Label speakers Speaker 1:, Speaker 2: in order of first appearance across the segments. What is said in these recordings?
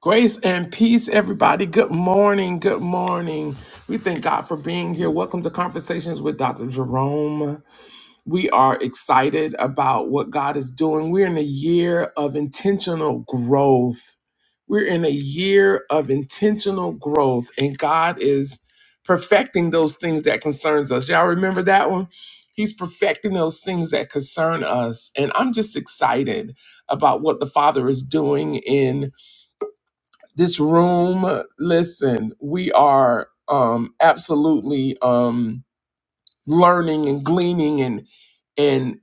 Speaker 1: Grace and peace, everybody. Good morning. Good morning. We thank God for being here. Welcome to Conversations with Dr. Jerome. We are excited about what God is doing. We're in a year of intentional growth. We're in a year of intentional growth, and God is perfecting those things that concerns us. Y'all remember that one? He's perfecting those things that concern us. And I'm just excited about what the Father is doing in this room, listen, we are um, absolutely um, learning and gleaning and and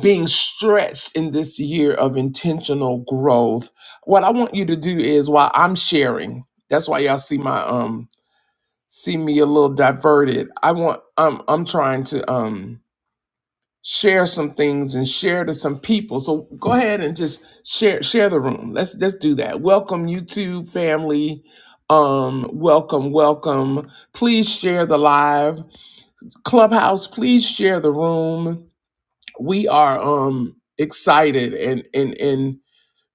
Speaker 1: being stretched in this year of intentional growth. What I want you to do is while I'm sharing, that's why y'all see my um see me a little diverted. I want I'm I'm trying to um share some things and share to some people. So go ahead and just share share the room. Let's let's do that. Welcome YouTube family. Um, welcome, welcome. Please share the live clubhouse. Please share the room. We are um excited and and and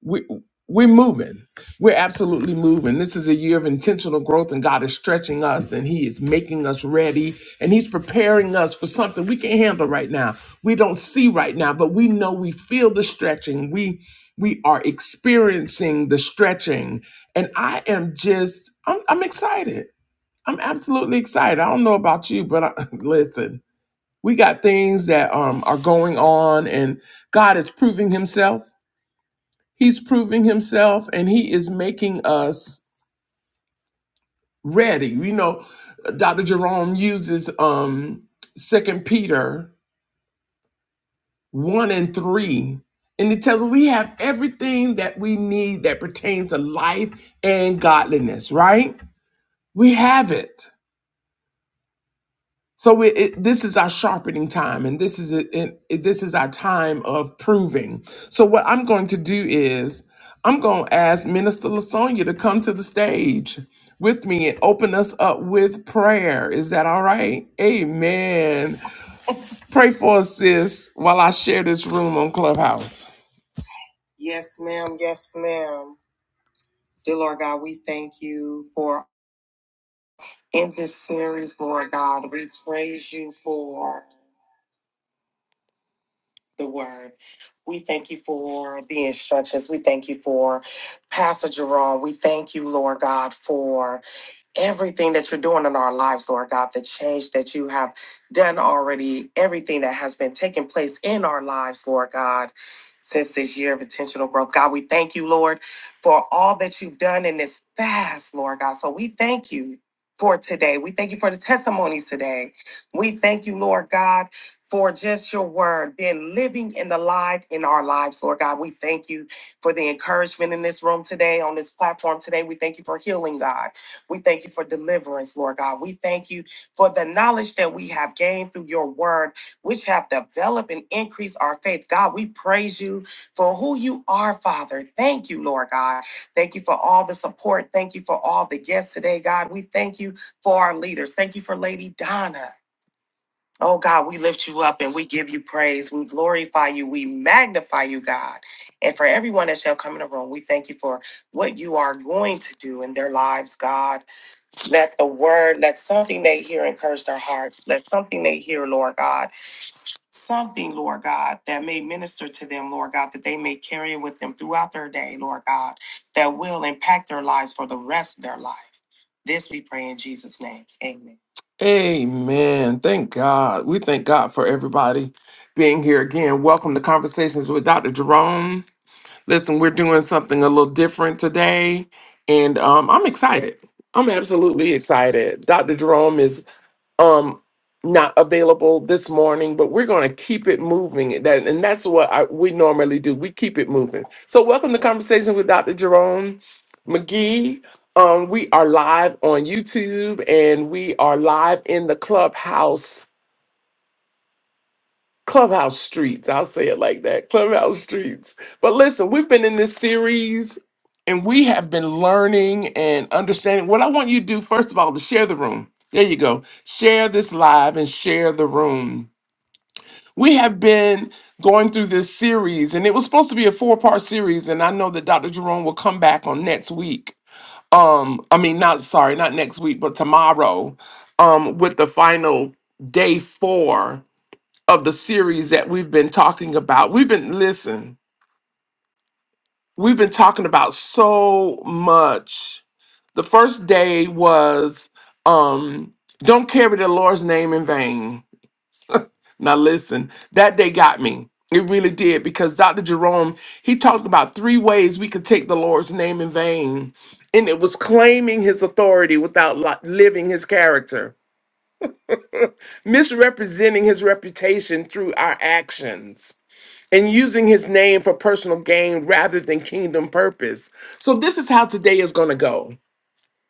Speaker 1: we we're moving. We're absolutely moving. This is a year of intentional growth, and God is stretching us, and He is making us ready, and He's preparing us for something we can not handle right now. We don't see right now, but we know we feel the stretching. We we are experiencing the stretching, and I am just I'm I'm excited. I'm absolutely excited. I don't know about you, but I, listen, we got things that um are going on, and God is proving Himself He's proving himself and he is making us ready. You know, Dr. Jerome uses um Second Peter 1 and 3. And it tells us we have everything that we need that pertains to life and godliness, right? We have it. So it, it, this is our sharpening time, and this is it, it, it- this is our time of proving. So what I'm going to do is I'm going to ask Minister Lasonia to come to the stage with me and open us up with prayer. Is that all right? Amen. Pray for us, sis, while I share this room on Clubhouse. Yes, ma'am. Yes, ma'am. Dear Lord God, we thank you for in this series, Lord God. We praise you for. the word. We thank you for the instructions. We thank you for Pastor Jerome. We thank you, Lord God, for everything that you're doing in our lives, Lord God, the change that you have done already, everything that has been taking place in our lives, Lord God. Since this year of intentional growth, God, we thank you, Lord, for all that you've done in this fast, Lord God. So we thank you for today. We thank you for the testimonies today. We thank you, Lord God, for just your word being living in the light in our lives, Lord God. We thank you for the encouragement in this room today, on this platform today. We thank you for healing, God. We thank you for deliverance, Lord God. We thank you for the knowledge that we have gained through your word, which have developed and increased our faith. God, we praise you for who you are, Father. Thank you, Lord God. Thank you for all the support. Thank you for all the guests today, God. We thank you for our leaders. Thank you for Lady Donna. Oh God, we lift you up and we give you praise. We glorify you. We magnify you, God. And for everyone that shall come in the room, we thank you for what you are going to do in their lives, God. Let the word, let something they hear encourage their hearts. Let something they hear, Lord God, something, Lord God, that may minister to them, Lord God, that they may carry it with them throughout their day, Lord God, that will impact their lives for the rest of their life. This we pray in Jesus' name. Amen. Amen. Thank God. We thank God for everybody being here again. Welcome to Conversations with Dr. Jerome. Listen, we're doing something a little different today, and um, I'm excited. I'm absolutely excited. Dr. Jerome is um, not available this morning, but we're going to keep it moving. That and that's what I, we normally do. We keep it moving. So, welcome to Conversation with Dr. Jerome McGee. Um, we are live on YouTube and we are live in the clubhouse clubhouse streets. I'll say it like that clubhouse streets. But listen, we've been in this series and we have been learning and understanding. What I want you to do, first of all, is share the room. There you go. Share this live and share the room. We have been going through this series, and it was supposed to be a four part series. And I know that Dr. Jerome will come back on next week. Um, I mean, not sorry, not next week, but tomorrow, um, with the final day four of the series that we've been talking about. We've been, listen, we've been talking about so much. The first day was um don't carry the Lord's name in vain. Now listen, that day got me. It really did because Dr. Jerome, he talked about three ways we could take the Lord's name in vain. And it was claiming his authority without li- living his character, misrepresenting his reputation through our actions and using his name for personal gain rather than kingdom purpose. So this is how today is going to go.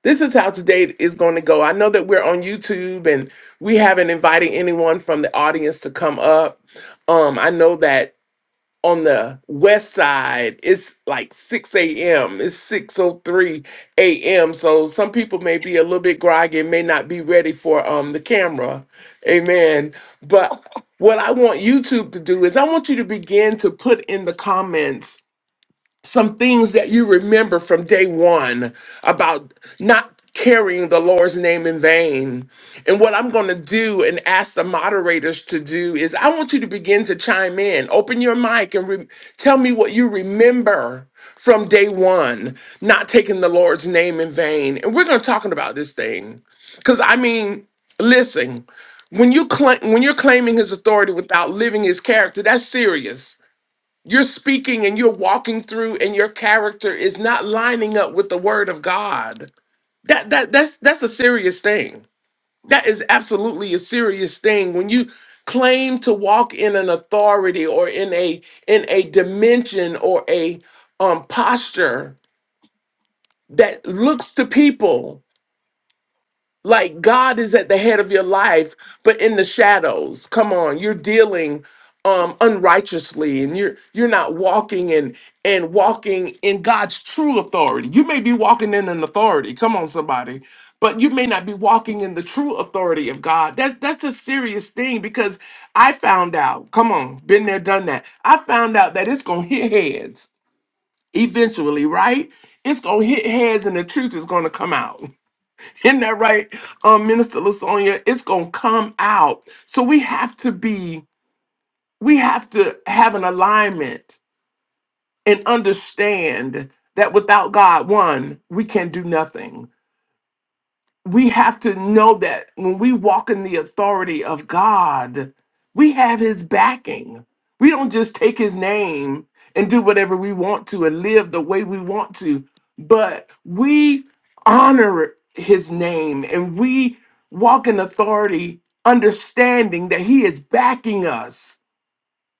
Speaker 1: This is how today is going to go. I know that we're on YouTube and we haven't invited anyone from the audience to come up. Um, I know that on the west side it's like 6 a.m it's 6.03 a.m so some people may be a little bit groggy and may not be ready for um the camera amen but what i want youtube to do is i want you to begin to put in the comments some things that you remember from day one about not carrying the Lord's name in vain. And what I'm going to do and ask the moderators to do is I want you to begin to chime in. Open your mic and re- tell me what you remember from day one, not taking the Lord's name in vain. And we're going to talk about this thing. Because, I mean, listen, when, you cla when you're claiming his authority without living his character, that's serious. You're speaking and you're walking through and your character is not lining up with the word of God. That that that's that's a serious thing. That is absolutely a serious thing when you claim to walk in an authority or in a in a dimension or a um posture that looks to people Like God is at the head of your life, but in the shadows. Come on, you're dealing um unrighteously and you're you're not walking in and walking in God's true authority. You may be walking in an authority. Come on somebody. But you may not be walking in the true authority of God. That that's a serious thing because I found out. Come on, been there done that. I found out that it's going to hit heads eventually, right? It's going to hit heads and the truth is going to come out. Isn't that right, um, Minister Lasonia? It's gonna come out. So we have to be, we have to have an alignment and understand that without God, one, we can do nothing we have to know that when we walk in the authority of God, we have his backing. We don't just take his name and do whatever we want to and live the way we want to, but we honor his name and we walk in authority, understanding that he is backing us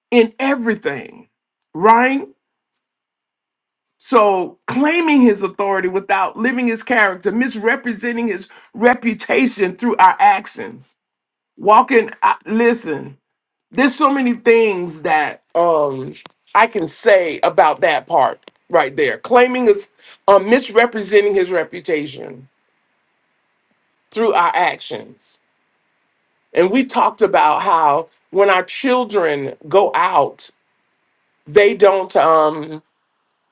Speaker 1: in everything, right? So claiming his authority without living his character, misrepresenting his reputation through our actions. Walking, I, listen, there's so many things that um I can say about that part right there. Claiming his, uh, misrepresenting his reputation through our actions. And we talked about how when our children go out, they don't. Um,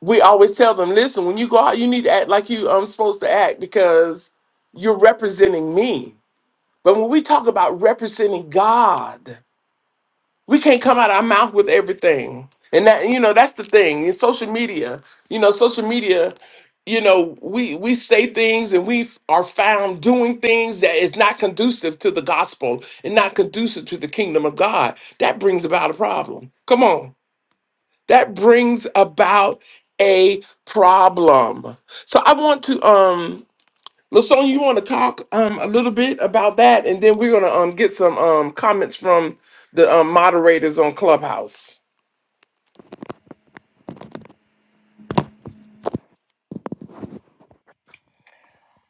Speaker 1: we always tell them, listen, when you go out, you need to act like you I'm supposed to act because you're representing me. But when we talk about representing God, we can't come out our mouth with everything. And that you know, that's the thing. In social media, you know, social media, you know, we we say things and we f- are found doing things that is not conducive to the gospel and not conducive to the kingdom of God. That brings about a problem. Come on that brings about a problem. So I want to um Lasonia, you want to talk um a little bit about that and then we're going to um get some um comments from the um, moderators on Clubhouse.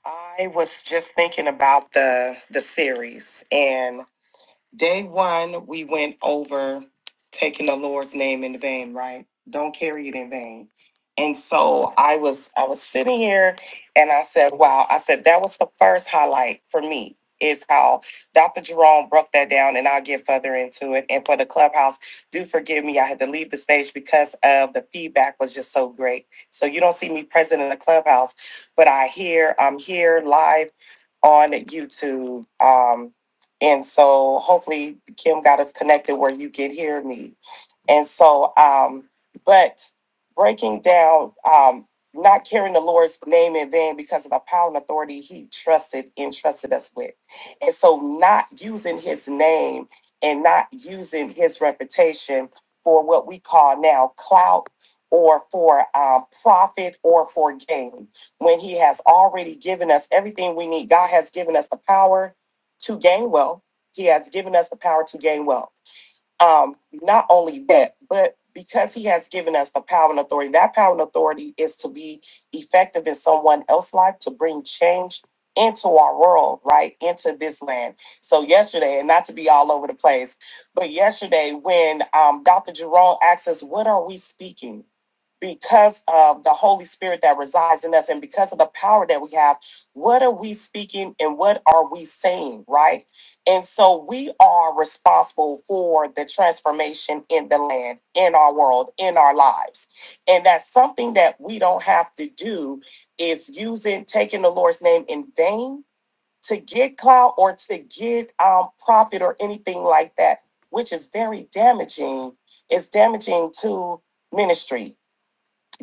Speaker 1: I was just thinking about the the series Day one, we went over taking the Lord's name in vain, right? Don't carry it in vain. And so I was I was sitting here and I said, wow, I said that was the first highlight for me is how Dr. Jerome broke that down and I'll get further into it. And for the clubhouse, do forgive me. I had to leave the stage because of the feedback was just so great. So you don't see me present in the clubhouse, but I hear I'm here live on YouTube. Um, and so hopefully Kim got us connected where you can hear me. And so, um, but breaking down, um, not carrying the Lord's name in vain because of the power and authority he trusted entrusted us with. And so not using his name and not using his reputation for what we call now clout or for um, profit or for gain when he has already given us everything we need. God has given us the power to gain wealth. He has given us the power to gain wealth. Um, not only that, but because he has given us the power and authority, that power and authority is to be effective in someone else's life to bring change into our world, right? Into this land. So yesterday, and not to be all over the place, but yesterday when um, Dr. Jerome asked us, what are we speaking? Because of the Holy Spirit that resides in us and because of the power that we have, what are we speaking and what are we saying, right? And so we are responsible for the transformation in the land, in our world, in our lives. And that's something that we don't have to do is using taking the Lord's name in vain to get clout or to get um, profit or anything like that, which is very damaging. It's damaging to ministry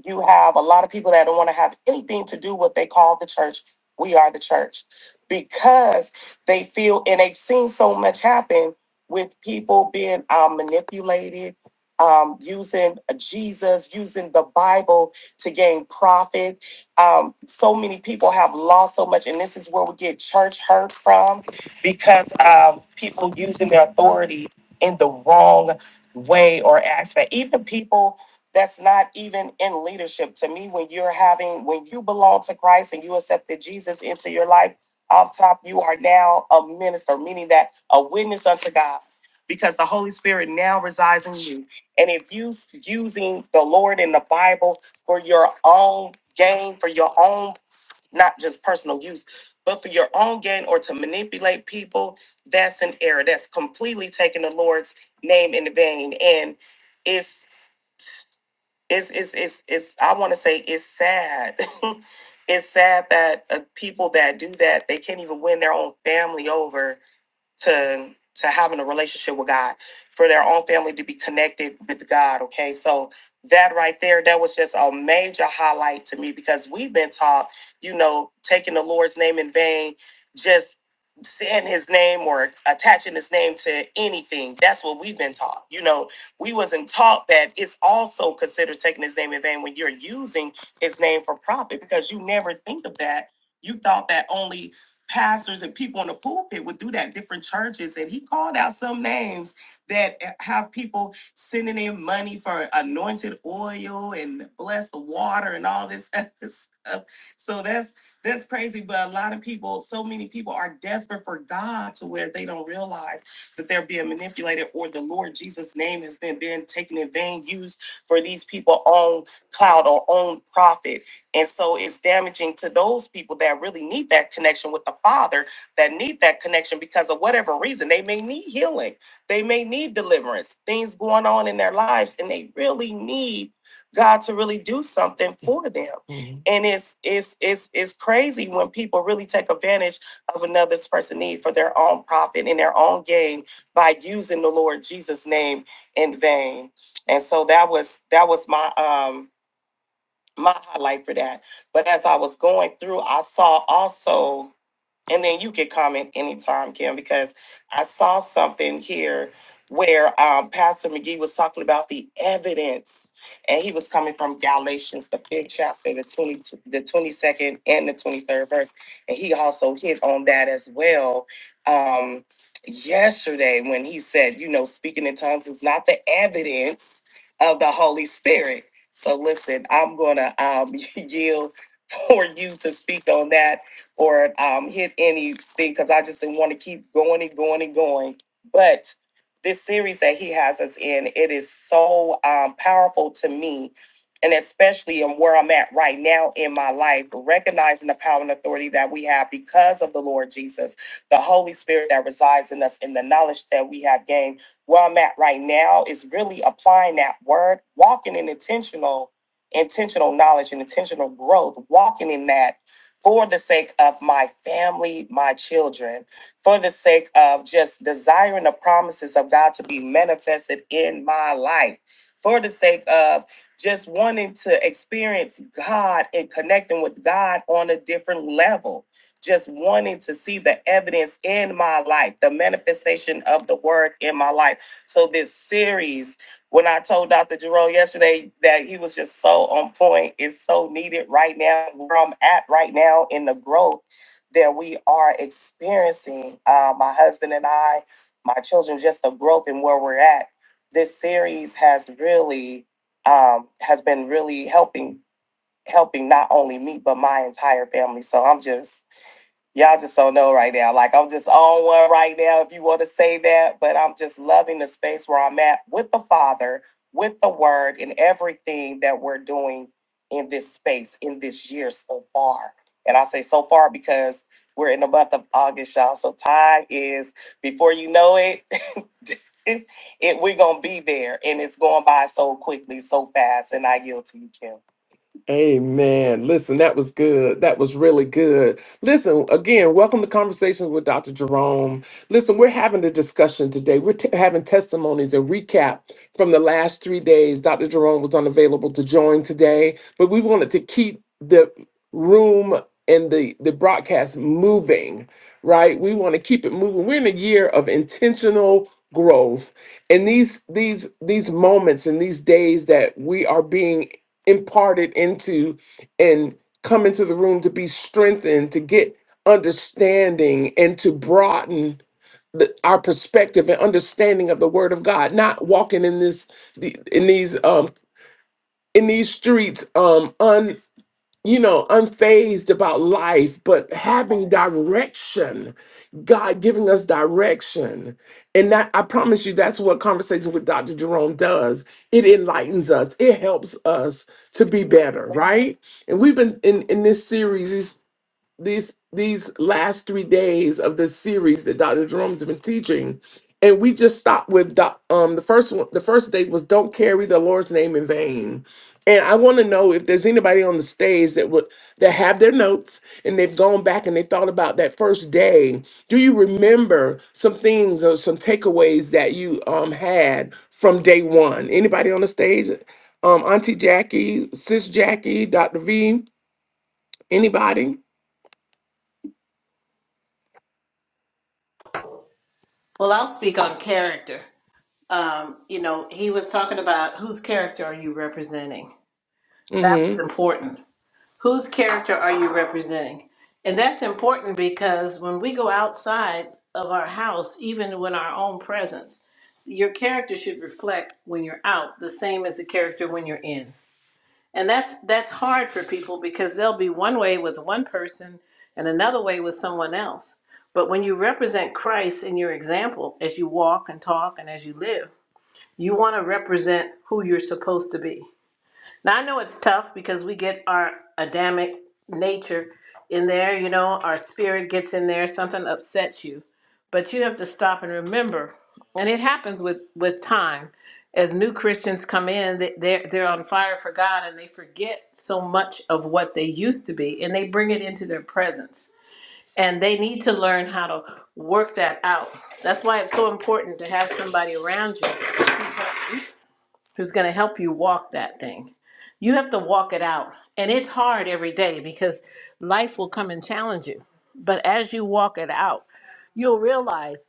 Speaker 1: you have a lot of people that don't want to have anything to do what they call the church. We are the church because they feel, and they've seen so much happen with people being um, manipulated, um, using Jesus, using the Bible to gain profit. Um, so many people have lost so much, and this is where we get church hurt from because of people using their authority in the wrong way or aspect. Even people that's not even in leadership. To me, when you're having, when you belong to Christ and you accepted Jesus into your life, off top, you are now a minister, meaning that a witness unto God, because the Holy Spirit now resides in you. And if you s- using the Lord and the Bible for your own gain, for your own, not just personal use, but for your own gain or to manipulate people, that's an error. That's completely taking the Lord's name in vain. And it's it's it's it's it's I want to say it's sad. it's sad that uh, people that do that they can't even win their own family over to to having a relationship with God, for their own family to be connected with God. Okay, so that right there, that was just a major highlight to me because we've been taught, you know, taking the Lord's name in vain, just saying his name or attaching his name to anything. That's what we've been taught. You know, we wasn't taught that it's also considered taking his name in vain when you're using his name for profit because you never think of that. You thought that only pastors and people in the pulpit would do that, different churches. And he called out some names that have people sending in money for anointed oil and bless the water and all this other stuff. So that's that's crazy. But a lot of people, so many people are desperate for God to where they don't realize that they're being manipulated or the Lord Jesus' name has been, been taken in vain, used for these people on cloud or own profit and so it's damaging to those people that really need that connection with the Father, that need that connection because of whatever reason. They may need healing, they may need deliverance, things going on in their lives, and they really need God to really do something for them. Mhm. And it's it's it's it's crazy when people really take advantage of another person's need for their own profit and their own gain by using the Lord Jesus' name in vain. And so that was that was my um my highlight for that. But as I was going through, I saw also and then you can comment anytime, Kim, because I saw something here where um, Pastor McGee was talking about the evidence, and he was coming from Galatians, the fifth chapter, the twenty, the twenty second and the twenty third verse, and he also hit on that as well. Um, yesterday, when he said, you know, speaking in tongues is not the evidence of the Holy Spirit. So listen, I'm gonna um, yield for you to speak on that or um, hit anything because I just didn't want to keep going and going and going. But this series that he has us in, it is so um, powerful to me, and especially in where I'm at right now in my life, recognizing the power and authority that we have because of the Lord Jesus, the Holy Spirit that resides in us, and the knowledge that we have gained. Where I'm at right now is really applying that word, walking in intentional, intentional knowledge and intentional growth, walking in that for the sake of my family, my children, for the sake of just desiring the promises of God to be manifested in my life, for the sake of just wanting to experience God and connecting with God on a different level. Just wanting to see the evidence in my life, the manifestation of the word in my life. So, this series when I told Dr. Jerome yesterday that he was just so on point, it's so needed right now, where I'm at right now in the growth that we are experiencing. Uh, my husband and I, my children, just the growth and where we're at. This series has really um, has been really helping helping not only me but my entire family. So I'm just Y'all just don't know right now. Like I'm just on one right now, if you want to say that. But I'm just loving the space where I'm at with the Father, with the Word, and everything that we're doing in this space in this year so far. And I say so far because we're in the month of August, y'all. So time is before you know it. it we're gonna be there, and it's going by so quickly, so fast. And I yield to you, Kim. Amen. Listen, that was good. That was really good. Listen, again, welcome to Conversations with Dr. Jerome. Listen, we're having a discussion today. We're t- having testimonies and recap from the last three days. Dr. Jerome was unavailable to join today, but we wanted to keep the room and the, the broadcast moving, right? We want to keep it moving. We're in a year of intentional growth and these these these moments and these days that we are being imparted into and come into the room to be strengthened, to get understanding and to broaden the, our perspective and understanding of the word of God, not walking in this the- in these um in these streets um you know, unfazed about life, but having direction, God giving us direction. And that I promise you, that's what conversation with Dr. Jerome does. It enlightens us, it helps us to be better, right? And we've been in, in this series these these last three days of this series that Dr. Jerome's been teaching, and we just stopped with doc- um the first one. The first day was "Don't carry the Lord's name in vain," and I want to know if there's anybody on the stage that would that have their notes and they've gone back and they thought about that first day. Do you remember some things or some takeaways that you um had from day one? Anybody on the stage? Um, Auntie Jackie, Sis Jackie, Dr. V, anybody?
Speaker 2: Well, I'll speak on character. Um, you know, he was talking about whose character are you representing? That
Speaker 1: Mm-hmm.
Speaker 2: was important. Whose character are you representing? And that's important because when we go outside of our house, even when our own presence, your character should reflect when you're out the same as the character when you're in and that's that's hard for people because they'll be one way with one person and another way with someone else but when you represent christ in your example as you walk and talk and as you live you want to represent who you're supposed to be now I know it's tough because we get our Adamic nature in there, you know, our spirit gets in there, something upsets you. But you have to stop and remember. And it happens with with time. As new Christians come in, they- they're they're on fire for God and they forget so much of what they used to be and they bring it into their presence and they need to learn how to work that out. That's why it's so important to have somebody around you who help- oops, who's going to help you walk that thing. You have to walk it out, and it's hard every day because life will come and challenge you. But as you walk it out, you'll realize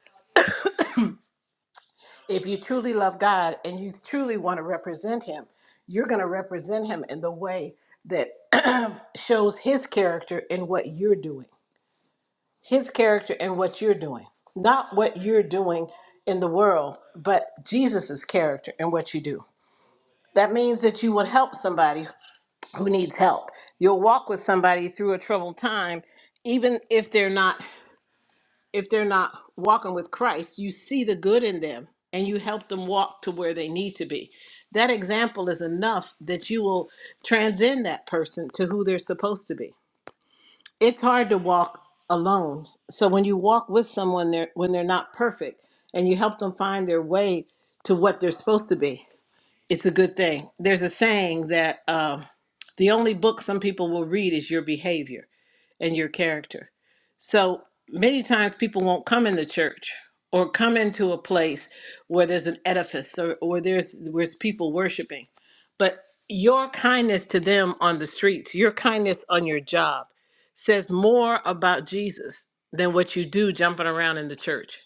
Speaker 2: if you truly love God and you truly want to represent Him, you're going to represent Him in the way that shows His character in what you're doing his character and what you're doing. Not what you're doing in the world, but Jesus's character and what you do. That means that you will help somebody who needs help. You'll walk with somebody through a troubled time even if they're not if they're not walking with Christ, you see the good in them and you help them walk to where they need to be. That example is enough that you will transcend that person to who they're supposed to be it's hard to walk alone. So when you walk with someone they're when they're not perfect and you help them find their way to what they're supposed to be, it's a good thing. There's a saying that um, the only book some people will read is your behavior and your character. So many times people won't come in the church or come into a place where there's an edifice or, or there's where's people worshiping. But your kindness to them on the streets, your kindness on your job says more about Jesus than what you do jumping around in the church.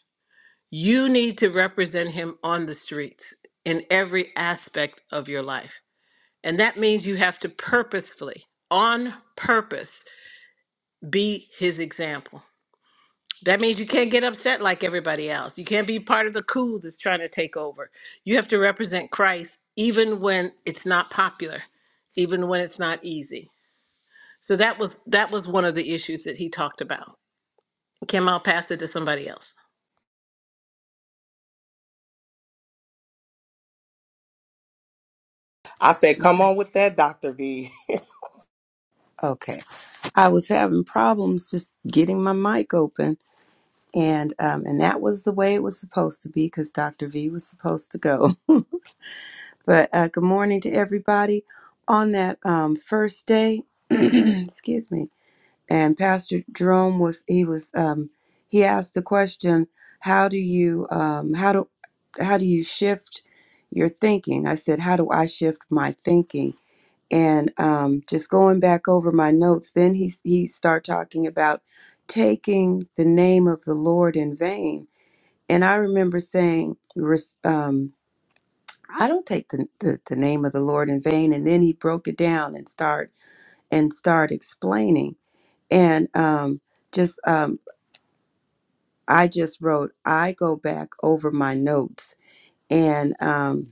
Speaker 2: You need to represent him on the streets in every aspect of your life. And that means you have to purposefully, on purpose, be his example that means you can't get upset like everybody else. You can't be part of the coup that's trying to take over. You have to represent Christ even when it's not popular, even when it's not easy. So that was that was one of the issues that he talked about. Kim, I'll pass it to somebody else.
Speaker 3: I said, come on with that, Dr. V.
Speaker 4: Okay. I was having problems just getting my mic open. And um, and that was the way it was supposed to be because Dr. V was supposed to go. But uh, good morning to everybody on that um, first day. excuse me. And Pastor Jerome was he was um, he asked the question, how do you um, how do how do you shift your thinking? I said, how do I shift my thinking? and um, just going back over my notes then he he start talking about taking the name of the lord in vain and i remember saying res- um, i don't take the, the, the name of the lord in vain and then he broke it down and start and start explaining and um, just um, i just wrote i go back over my notes and um,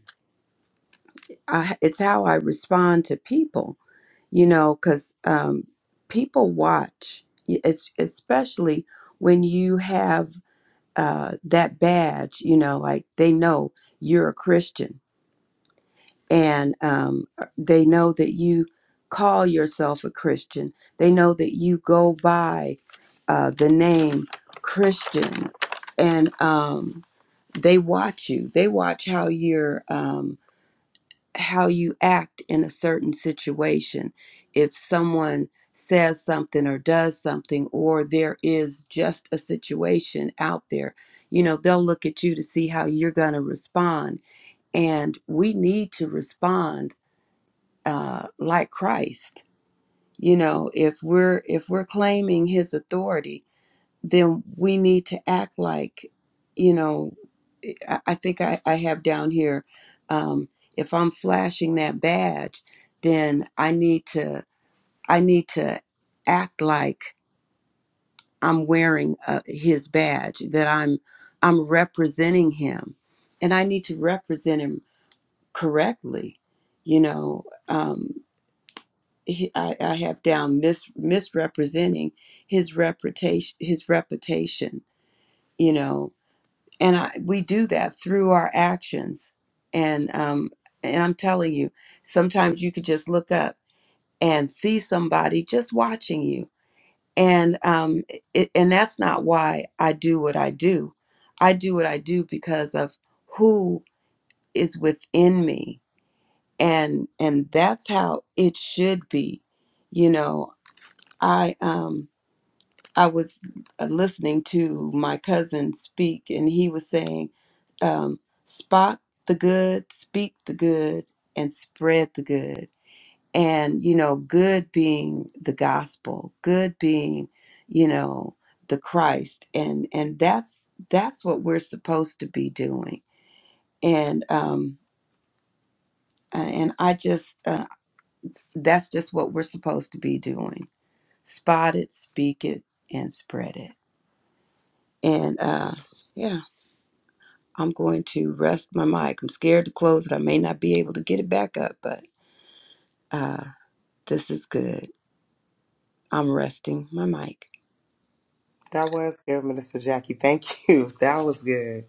Speaker 4: I, it's how i respond to people you know, because um, people watch, y- es- especially when you have uh, that badge, you know, like they know you're a Christian and um, uh, they know that you call yourself a Christian. They know that you go by uh, the name Christian and um, they watch you. They watch how you're. Um, how you act in a certain situation. If someone says something or does something, or there is just a situation out there, you know, they'll look at you to see how you're going to respond. And we need to respond uh, like Christ. You know, if we're if we're claiming His authority, then we need to act like, you know, eh, I, I think I, I have down here, um, if I'm flashing that badge, then I need to I need to act like I'm wearing uh, his badge, that I'm I'm representing him, and I need to represent him correctly. You know, um, he, I, I have down mis, misrepresenting his reputation, his reputation. You know, and I, we do that through our actions and um and i'm telling you sometimes you could just look up and see somebody just watching you and um it, and that's not why i do what i do i do what i do because of who is within me and and that's how it should be you know i um I was uh, listening to my cousin speak, and he was saying, um, spot the good, speak the good, and spread the good. And, you know, good being the gospel, good being, you know, the Christ. And, and that's, that's what we're supposed to be doing. And, um, uh, and I just, uh, that's just what we're supposed to be doing. Spot it, speak it, and spread it. And, uh, yeah. I'm going to rest my mic. I'm scared to close it. I may not be able to get it back up, but uh, this is good. I'm resting my mic.
Speaker 3: That was good, Minister Jackie. Thank you. That was good.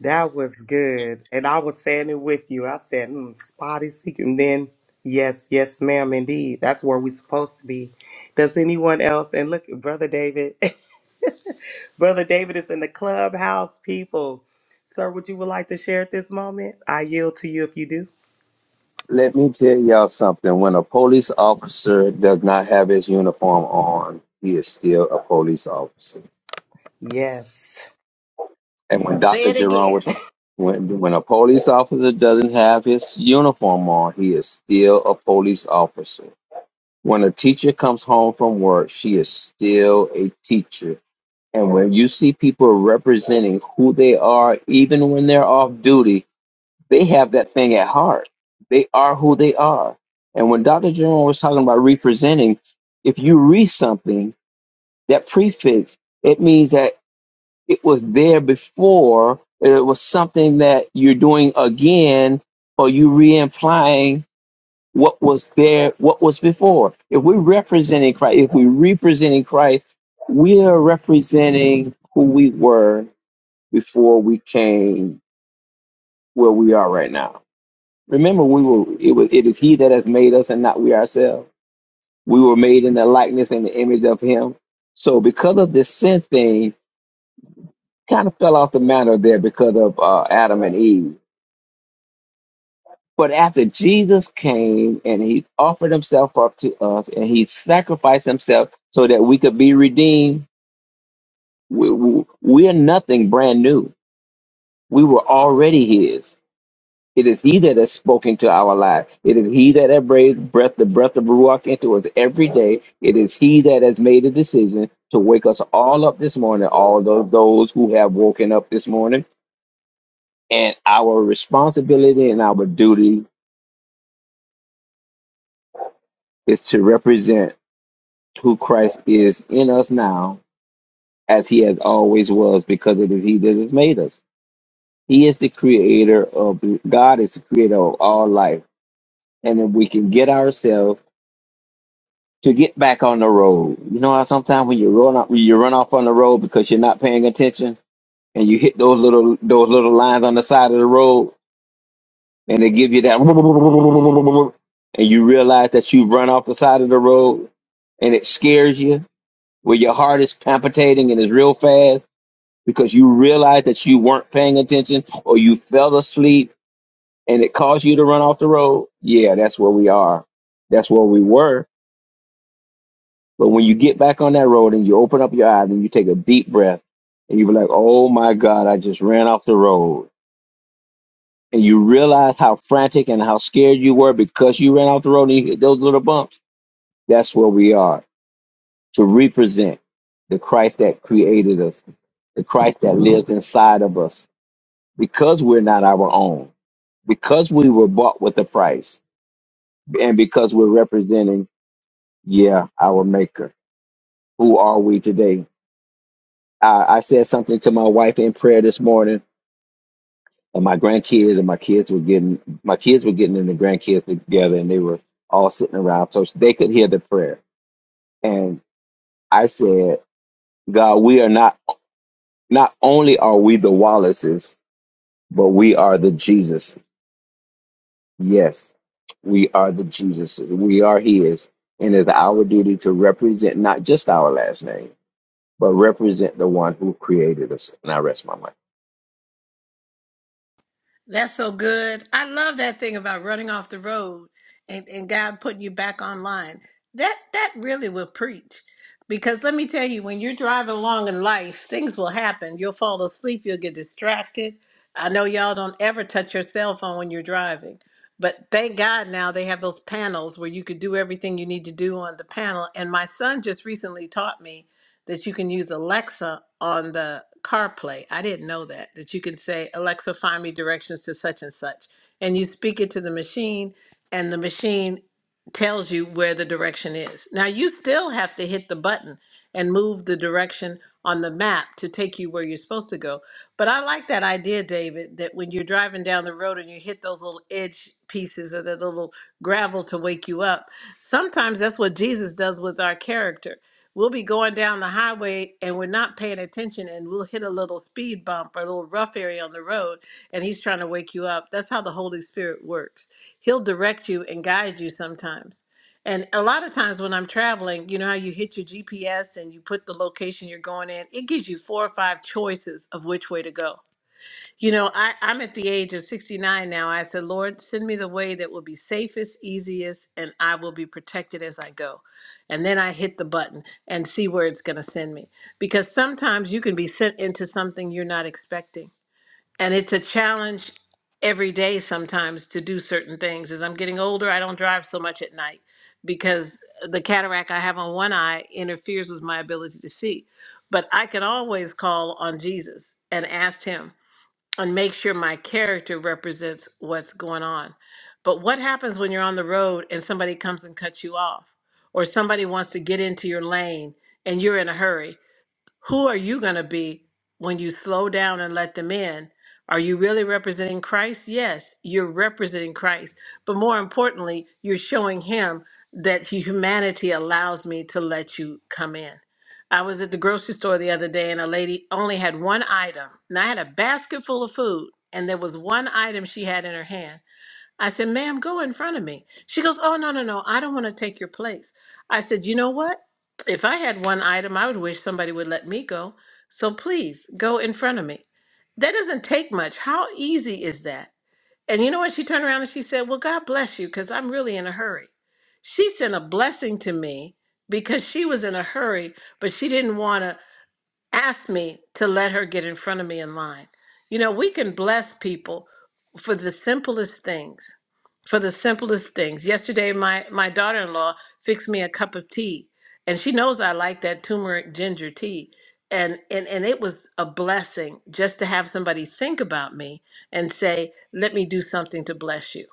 Speaker 3: That was good. And I was saying it with you. I said, mm, spotty secret. And then, yes, yes, ma'am, indeed. That's where we're supposed to be. Does anyone else? And look, Brother David. Brother David is in the clubhouse, people. Sir, would you would like to share at this moment? I yield to you if you do.
Speaker 5: Let me tell y'all something. When a police officer does not have his uniform on, he is still a police officer.
Speaker 3: Yes.
Speaker 5: And when
Speaker 2: Say
Speaker 5: Dr.
Speaker 2: it
Speaker 5: Jerome
Speaker 2: again.
Speaker 5: was, when, when a police officer doesn't have his uniform on, he is still a police officer. When a teacher comes home from work, she is still a teacher. And when you see people representing who they are, even when they're off duty, they have that thing at heart. They are who they are. And when Dr. Jerome was talking about representing, if you read something, that prefix, it means that it was there before, it was something that you're doing again, or you re implying what was there, what was before. If we're representing Christ, if we're representing Christ, we are representing who we were before we came where we are right now. Remember, we were it was it is He that has made us, and not we ourselves. We were made in the likeness and the image of Him. So, because of this sin thing, kind of fell off the matter there because of uh, Adam and Eve. But after Jesus came and He offered Himself up to us, and He sacrificed Himself so that we could be redeemed, we, we, we are nothing brand new. We were already His. It is He that has spoken to our life. It is He that has breathed breath, the breath of Ruach into us every day. It is He that has made a decision to wake us all up this morning, all those, those who have woken up this morning. And our responsibility and our duty is to represent who Christ is in us now, as He has always was, because it is He that has made us. He is the creator of God is the creator of all life. And if we can get ourselves to get back on the road. You know how sometimes when you run off, when you run off on the road because you're not paying attention, and you hit those little those little lines on the side of the road, and they give you that, and you realize that you've run off the side of the road, and it scares you, where your heart is palpitating and is real fast because you realize that you weren't paying attention or you fell asleep, and it caused you to run off the road. Yeah, that's where we are. That's where we were But when you get back on that road and you open up your eyes and you take a deep breath and you be like, oh my God, I just ran off the road. And you realize how frantic and how scared you were because you ran off the road and you hit those little bumps. That's where we are to represent the Christ that created us, the Christ that lives inside of us because we're not our own, because we were bought with a price, and because we're representing, yeah, our Maker. Who are we today? I, I said something to my wife in prayer this morning, and my grandkids and my kids were getting my kids were getting and the grandkids together, and they were all sitting around so they could hear the prayer. And I said, God, we are not not only are we the Wallaces, but we are the Jesus. Yes, we are the Jesus. We are His, and it's our duty to represent not just our last name, but represent the one who created us. And I rest my mind.
Speaker 2: That's so good. I love that thing about running off the road and, and God putting you back online. That that really will preach. Because let me tell you, when you're driving along in life, things will happen. You'll fall asleep, you'll get distracted. I know y'all don't ever touch your cell phone when you're driving. But thank God now they have those panels where you could do everything you need to do on the panel. And my son just recently taught me that you can use Alexa on the CarPlay. I didn't know that. That you can say, Alexa, find me directions to such and such. And you speak it to the machine, and the machine tells you where the direction is. Now, you still have to hit the button and move the direction on the map to take you where you're supposed to go. But I like that idea, David, that when you're driving down the road and you hit those little edge pieces or the little gravel to wake you up, sometimes that's what Jesus does with our character We'll be going down the highway and we're not paying attention and we'll hit a little speed bump or a little rough area on the road and he's trying to wake you up. That's how the Holy Spirit works. He'll direct you and guide you sometimes. And a lot of times when I'm traveling, you know how you hit your GPS and you put the location you're going in, it gives you four or five choices of which way to go you know, I, I'm at the age of 69 now. I said, Lord, send me the way that will be safest, easiest, and I will be protected as I go. And then I hit the button and see where it's going to send me. Because sometimes you can be sent into something you're not expecting. And it's a challenge every day sometimes to do certain things. As I'm getting older, I don't drive so much at night because the cataract I have on one eye interferes with my ability to see. But I can always call on Jesus and ask Him and make sure my character represents what's going on. But what happens when you're on the road and somebody comes and cuts you off, or somebody wants to get into your lane and you're in a hurry? Who are you going to be when you slow down and let them in? Are you really representing Christ? Yes, you're representing Christ. But more importantly, you're showing Him that humanity allows me to let you come in. I was at the grocery store the other day and a lady only had one item. And I had a basket full of food, and there was one item she had in her hand. I said, ma'am, go in front of me. She goes, oh, no, no, no. I don't want to take your place. I said, you know what? If I had one item, I would wish somebody would let me go. So please go in front of me. That doesn't take much. How easy is that? And you know what? She turned around and she said, well, God bless you because I'm really in a hurry. She sent a blessing to me because she was in a hurry, but she didn't want to ask me to let her get in front of me in line. You know, we can bless people for the simplest things for the simplest things. Yesterday, my, my daughter in law fixed me a cup of tea, and she knows I like that turmeric ginger tea. And, and, and it was a blessing just to have somebody think about me and say, let me do something to bless you.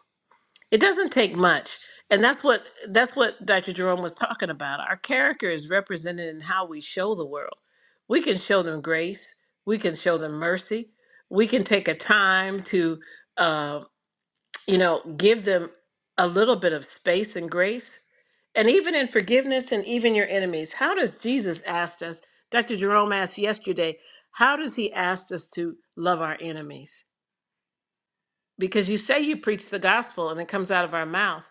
Speaker 2: It doesn't take much. And that's what that's what Dr. Jerome was talking about. Our character is represented in how we show the world. We can show them grace. We can show them mercy. We can take a time to uh, you know, give them a little bit of space and grace. And even in forgiveness and even your enemies, how does Jesus ask us? Dr. Jerome asked yesterday, how does he ask us to love our enemies? Because you say you preach the gospel and it comes out of our mouth.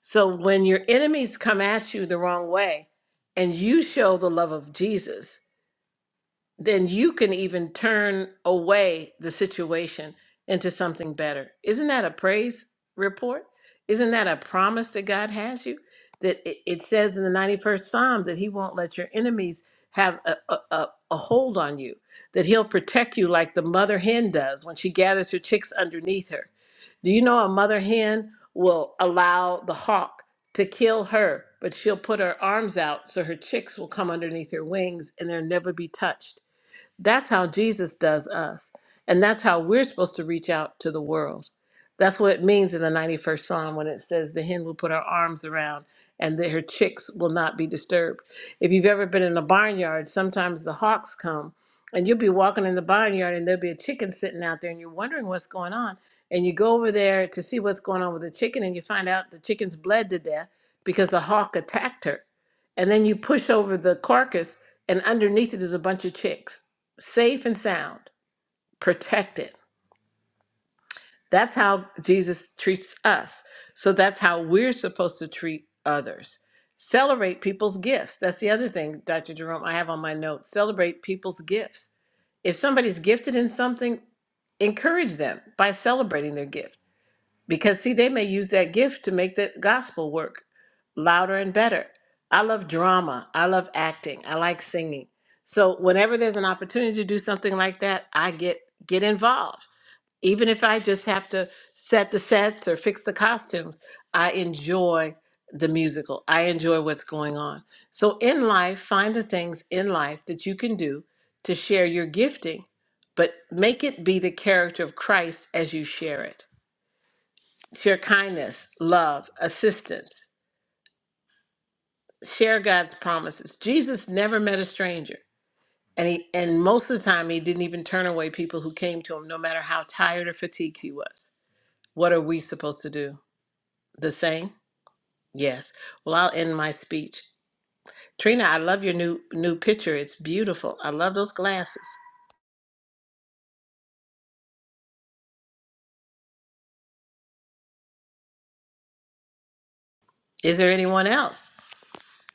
Speaker 2: So when your enemies come at you the wrong way and you show the love of Jesus, then you can even turn away the situation into something better. Isn't that a praise report? Isn't that a promise that God has you? That it, it says in the 91st Psalm that He won't let your enemies have a, a, a a hold on you, that He'll protect you like the mother hen does when she gathers her chicks underneath her. Do you know a mother hen will allow the hawk to kill her, but she'll put her arms out so her chicks will come underneath her wings and they'll never be touched? That's how Jesus does us. And that's how we're supposed to reach out to the world. That's what it means in the 91st Psalm when it says, The hen will put her arms around and that her chicks will not be disturbed. If you've ever been in a barnyard, sometimes the hawks come and you'll be walking in the barnyard and there'll be a chicken sitting out there and you're wondering what's going on. And you go over there to see what's going on with the chicken and you find out the chicken's bled to death because the hawk attacked her. And then you push over the carcass and underneath it is a bunch of chicks safe and sound, protected. That's how Jesus treats us. So that's how we're supposed to treat others. Celebrate people's gifts. That's the other thing, Dr. Jerome, I have on my notes. Celebrate people's gifts. If somebody's gifted in something, encourage them by celebrating their gift because, see, they may use that gift to make the gospel work louder and better. I love drama. I love acting. I like singing. So, whenever there's an opportunity to do something like that, I get get involved. Even if I just have to set the sets or fix the costumes, I enjoy the musical. I enjoy what's going on. So, in life, find the things in life that you can do to share your gifting, but make it be the character of Christ as you share it share kindness, love, assistance, share God's promises. Jesus never met a stranger. And he and most of the time he didn't even turn away people who came to him, no matter how tired or fatigued he was. What are we supposed to do? The same? Yes. Well, I'll end my speech. Trina, I love your new new picture. It's beautiful. I love those glasses. Is there anyone else?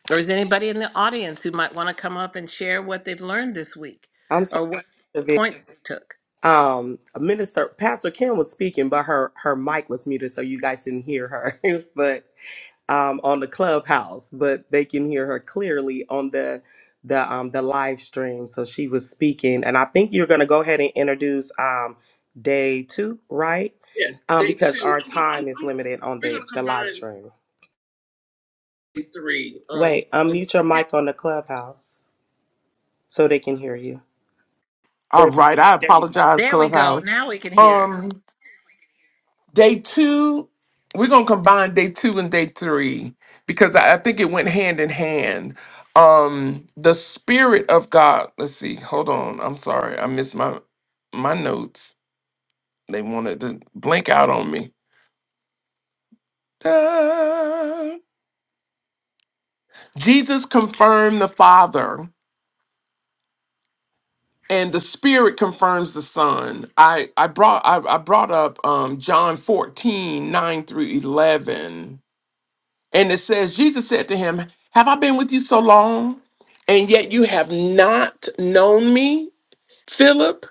Speaker 2: Or is anybody in the audience who might want to come up and share what they've learned this week
Speaker 3: I'm
Speaker 2: or what
Speaker 3: sorry,
Speaker 2: points they took?
Speaker 3: um minister pastor kim was speaking but her her mic was muted so you guys didn't hear her but um on the clubhouse but they can hear her clearly on the the um the live stream so she was speaking and i think you're going to go ahead and introduce um day two right Yes, um day because two. our time is limited on the We're gonna the the live down stream day three. Um, wait unmute your mic on the clubhouse so they can hear you
Speaker 1: All
Speaker 3: There-
Speaker 1: right, I apologize,
Speaker 2: There we go.
Speaker 1: Clubhouse.
Speaker 2: Now we can hear.
Speaker 1: Um, day two, we're gonna combine day two and day three because I, I think it went hand in hand. Um, the spirit of God. Let's see. Hold on. I'm sorry. I missed my my notes. They wanted to blink out on me. Ah. Jesus confirmed the Father, and the Spirit confirms the Son. I I brought I, I brought up um John 14 9 through eleven And it says, Jesus said to him, Have I been with you so long? And yet you have not known me, Philip?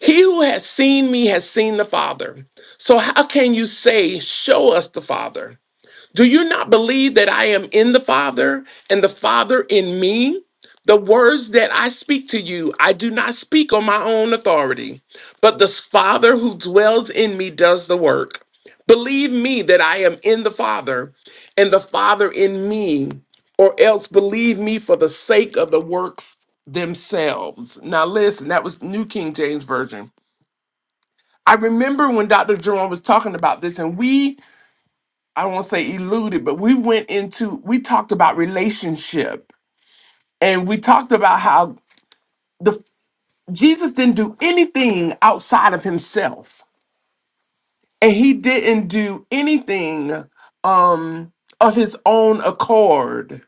Speaker 1: He who has seen me has seen the Father. So how can you say, Show us the Father? Do you not believe that I am in the Father and the Father in me? The words that I speak to you, I do not speak on my own authority, but the Father who dwells in me does the work. Believe me that I am in the Father and the Father in me, or else believe me for the sake of the works themselves. Now, listen, that was New King James Version. I remember when Dr. Jerome was talking about this, and we I won't say eluded, but we went into we talked about relationship and we talked about how the Jesus didn't do anything outside of himself. And he didn't do anything um of his own accord.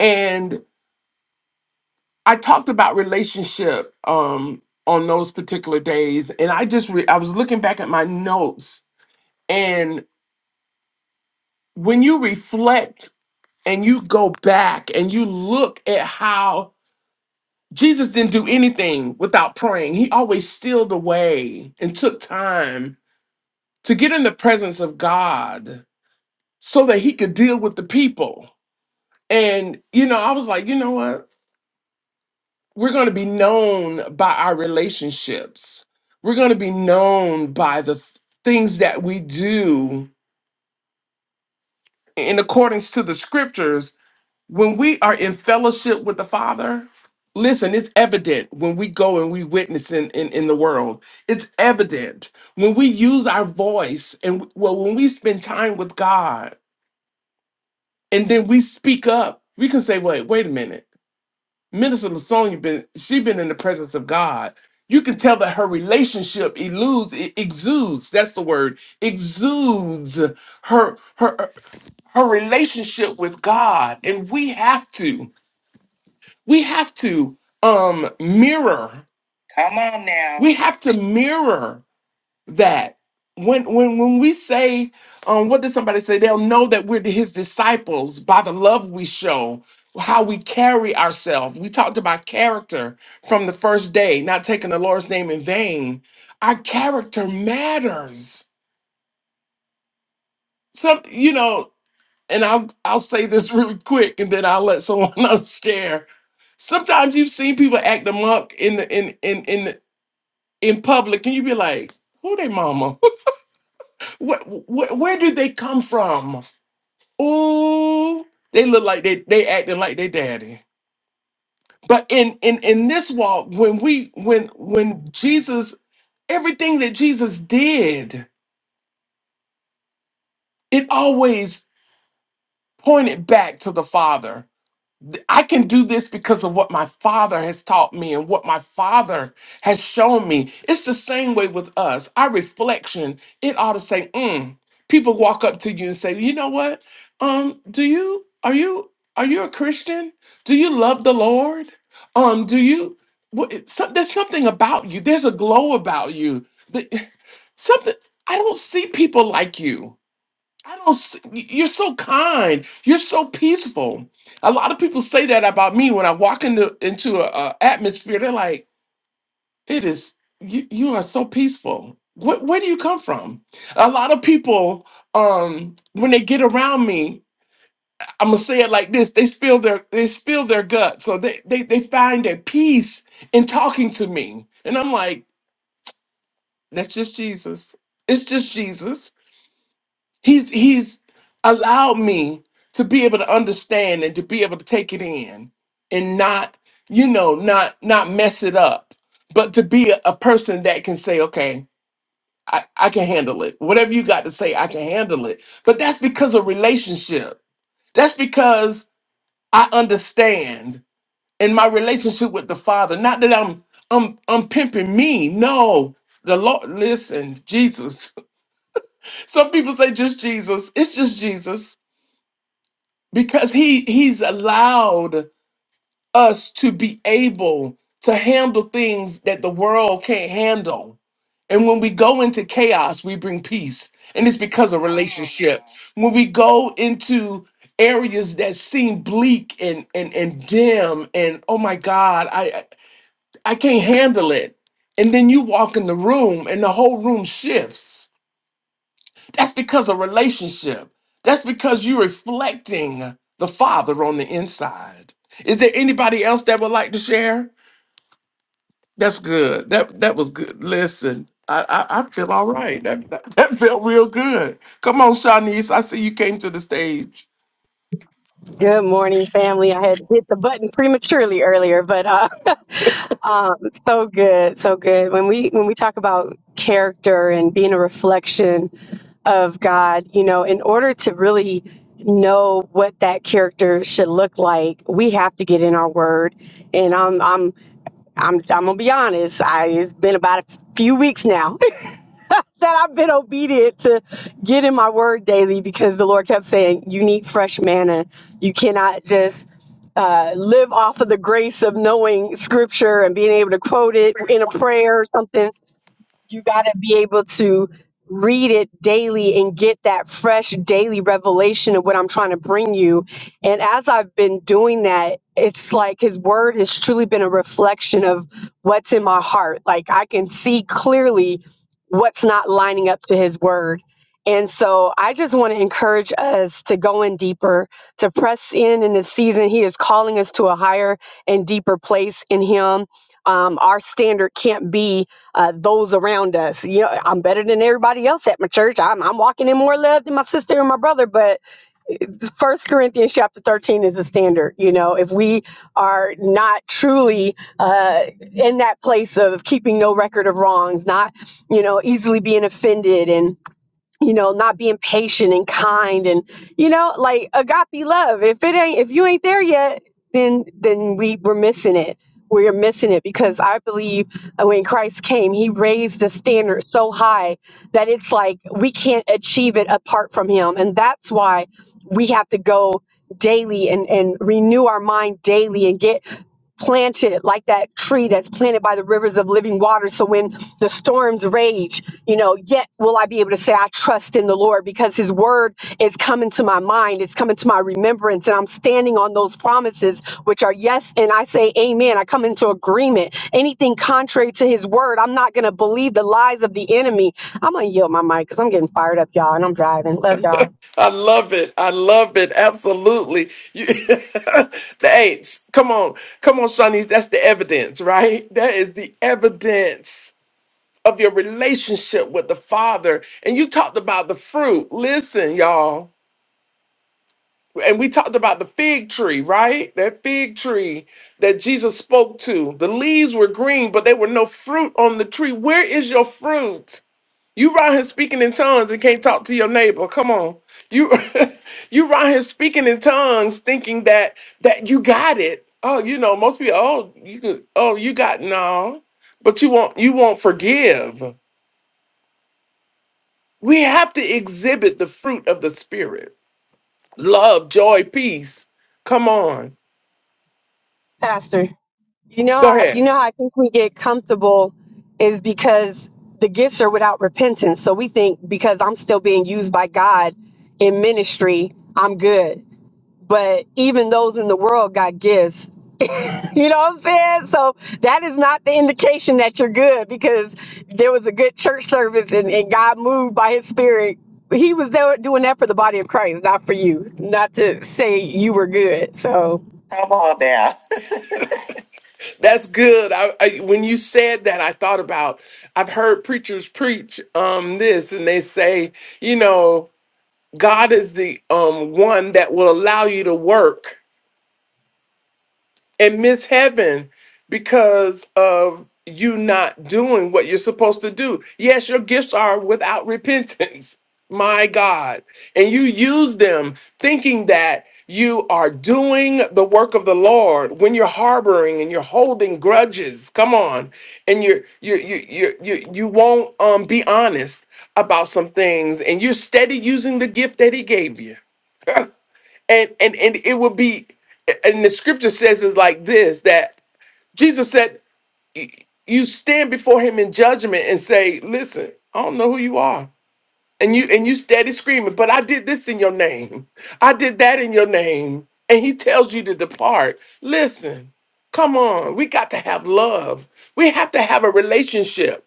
Speaker 1: And I talked about relationship um on those particular days and I just re- I was looking back at my notes and when you reflect and you go back and you look at how Jesus didn't do anything without praying. He always stealed away and took time to get in the presence of God so that he could deal with the people. And, you know, I was like, you know what? We're going to be known by our relationships, we're going to be known by the th- things that we do in accordance to the scriptures when we are in fellowship with the Father, listen, it's evident when we go and we witness in, in, in the world. It's evident when we use our voice and well, when we spend time with God and then we speak up, we can say, wait, wait a minute. Minister Lasonia been she been in the presence of God. You can tell that her relationship eludes, e- exudes. That's the word, exudes her her her relationship with God, and we have to. We have to um mirror. Come on now. We have to mirror that. When when when we say, um, what did somebody say? They'll know that we're his disciples by the love we show, how we carry ourselves. We talked about character from the first day, not taking the Lord's name in vain. Our character matters. Some, you know and I'll I'll say this really quick, and then I'll let someone else share. Sometimes you've seen people act amok in the in in in in public, and you be like, "Who they mama? where, where where did they come from? Oh, they look like they they acting like they daddy." But in in in this walk, when we when when Jesus, everything that Jesus did, it always pointed back to the Father th- I can do this because of what my father has taught me and what my father has shown me. It's the same way with us. Our reflection, it ought to say, mm. people walk up to you and say, you know what? Um, do you are you are you a Christian? Do you love the Lord? Um, do you what, it's some- there's something about you, there's a glow about you. The- something I don't see people like you. I don't. s- y- You're so kind. You're so peaceful. A lot of people say that about me when I walk into into a, a atmosphere. They're like, "It is you. You are so peaceful. Where, where do you come from?" A lot of people, um, when they get around me, I'm gonna say it like this: they spill their they spill their guts, so they they they find their peace in talking to me, and I'm like, "That's just Jesus. It's just Jesus." He's he's allowed me to be able to understand and to be able to take it in and not, you know, not not mess it up, but to be a, a person that can say, okay, I, I can handle it. Whatever you got to say, I can handle it. But that's because of relationship. That's because I understand in my relationship with the Father. Not that I'm I'm I'm pimping me. No. The Lord, listen, Jesus. Some people say just Jesus. It's just Jesus because he he's allowed us to be able to handle things that the world can't handle and when we go into chaos we bring peace and it's because of relationship when we go into areas that seem bleak and and and dim and oh my god i i I can't handle it and then you walk in the room and the whole room shifts that's because of relationship. That's because you're reflecting the Father on the inside. Is there anybody else that would like to share? That's good. That that was good. Listen, I I, I feel all right. That, that that felt real good. Come on, Shanice. I see you came to the stage.
Speaker 6: Good morning, family. I had hit the button prematurely earlier, but uh, um, so good, so good. When we when we talk about character and being a reflection of God, you know, in order to really know what that character should look like, we have to get in our word. And I'm I'm I'm I'm gonna be honest. I it's been about a few weeks now that I've been obedient to get in my word daily because the Lord kept saying, You need fresh manna. You cannot just uh, live off of the grace of knowing scripture and being able to quote it in a prayer or something you got to be able to read it daily and get that fresh daily revelation of what I'm trying to bring you. And as I've been doing that, it's like his word has truly been a reflection of what's in my heart. Like I can see clearly what's not lining up to his word. And so I just want to encourage us to go in deeper, to press in in this season. He is calling us to a higher and deeper place in him. Um, our standard can't be uh, those around us. Yeah, I'm better than everybody else at my church. I'm, I'm walking in more love than my sister and my brother. But First Corinthians chapter 13 is a standard. You know, if we are not truly uh, in that place of keeping no record of wrongs, not, you know, easily being offended and you know, not being patient and kind and you know, like agape love. If it ain't if you ain't there yet, then then we we're missing it. We're missing it because I believe when Christ came, he raised the standard so high that it's like we can't achieve it apart from him. And that's why we have to go daily and, and renew our mind daily and get planted like that tree that's planted by the rivers of living water. So when the storms rage, you know, yet will I be able to say, I trust in the Lord because his word is coming to my mind, it's coming to my remembrance, and I'm standing on those promises, which are yes, and I say, Amen. I come into agreement. Anything contrary to his word, I'm not going to believe the lies of the enemy. I'm going to yield my mic because I'm getting fired up, y'all, and I'm driving. Love y'all.
Speaker 1: I love it. I love it. Absolutely. You, the eights. Come on. Come on, Shanice. That's the evidence, right? That is the evidence of your relationship with the Father. And you talked about the fruit. Listen, y'all. And we talked about the fig tree, right? That fig tree that Jesus spoke to. The leaves were green, but there were no fruit on the tree. Where is your fruit? You around here speaking in tongues and can't talk to your neighbor. Come on. You you around here speaking in tongues thinking that that you got it. Oh, you know, most people, oh, you could, oh, you got no. But you won't you won't forgive. We have to exhibit the fruit of the Spirit love, joy, peace. Come on.
Speaker 6: Pastor. You know,
Speaker 1: Go
Speaker 6: how, you
Speaker 1: ahead.
Speaker 6: know, how I think we get comfortable is because the gifts are without repentance. So we think because I'm still being used by God in ministry, I'm good. But even those in the world got gifts. You know what I'm saying? So that is not the indication that you're good because there was a good church service and, and God moved by his spirit. He was there doing that for the body of Christ, not for you, not to say you were good. So.
Speaker 1: Come on now. That's good. I, I, when you said that, I thought about I've heard preachers preach um, this, and they say, you know, God is the um, one that will allow you to work. and miss heaven because of you not doing what you're supposed to do. Yes, your gifts are without repentance, my God. And you use them thinking that you are doing the work of the Lord when you're harboring and you're holding grudges. Come on. And you're you you you you you won't um be honest about some things and you're steady using the gift that he gave you. And and and it would be and the scripture says is like this that. Jesus said, "You stand before him in judgment and say, "Listen, I don't know who you are." And you and you steady screaming, "But I did this in your name. I did that in your name." And he tells you to depart. Listen. Come on. We got to have love. We have to have a relationship.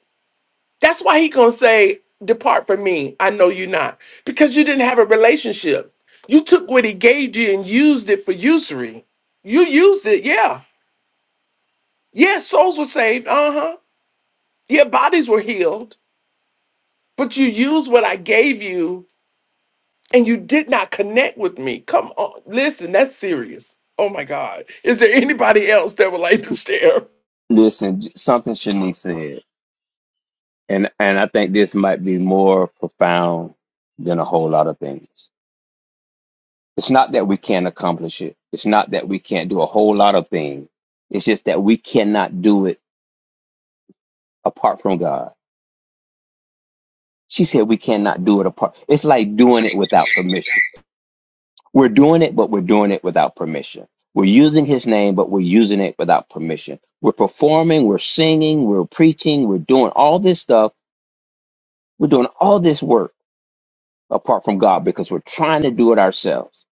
Speaker 1: That's why he going to say, "Depart from me. I know you not." Because you didn't have a relationship. You took what he gave you and used it for usury. You used it, yeah. Yeah, souls were saved. Uh huh. Your bodies were healed, but you used what I gave you and you did not connect with me. Come on. Listen, that's serious. Oh my God. Is there anybody else that would like to share?
Speaker 5: Listen, something Shanique said. and and I think this might be more profound than a whole lot of things. It's not that we can't accomplish it. It's not that we can't do a whole lot of things. It's just that we cannot do it apart from God. She said we cannot do it apart. It's like doing it without permission. We're doing it, but we're doing it without permission. We're using his name, but we're using it without permission. We're performing, we're singing, we're preaching, we're doing all this stuff. We're doing all this work apart from God because we're trying to do it ourselves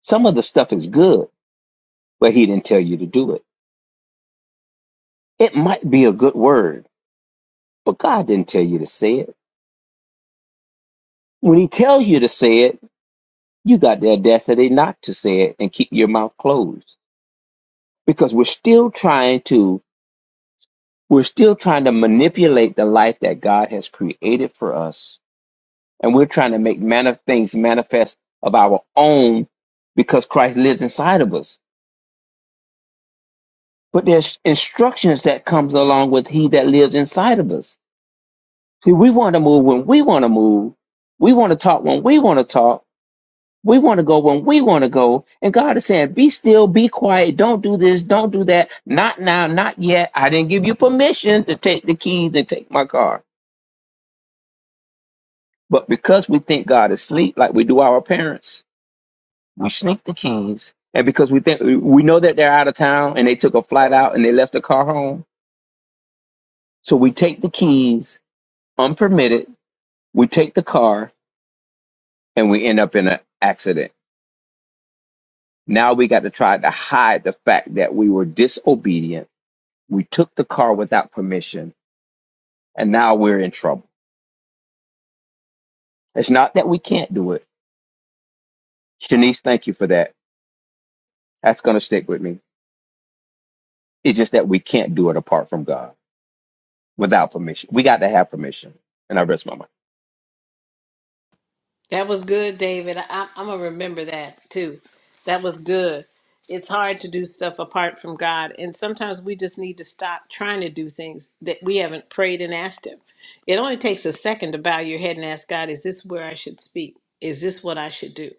Speaker 5: Some of the stuff is good, but he didn't tell you to do it. It might be a good word, but God didn't tell you to say it. When he tells you to say it, you got the audacity not to say it and keep your mouth closed because we're still trying to we're still trying to manipulate the life that God has created for us and we're trying to make manif- things manifest of our own because Christ lives inside of us. But there's instructions that comes along with he that lives inside of us See, we want to move when we want to move. We want to talk when we want to talk. We want to go when we want to go. And God is saying, be still, be quiet. Don't do this. Don't do that. Not now, not yet. I didn't give you permission to take the keys and take my car. But because we think God is asleep, like we do our parents, we sneak the keys. And because we think we know that they're out of town and they took a flight out and they left the car home. So we take the keys unpermitted. We take the car and we end up in an accident Now we got to try to hide the fact that we were disobedient. We took the car without permission, and now we're in trouble. It's not that we can't do it. Shanice, thank you for that. That's going to stick with me. It's just that we can't do it apart from God without permission. We got to have permission. And I rest my mind.
Speaker 2: That was good, David. I, I'm gonna remember that too. That was good. It's hard to do stuff apart from God, and sometimes we just need to stop trying to do things that we haven't prayed and asked Him. It only takes a second to bow your head and ask God, "Is this where I should speak? Is this what I should do?"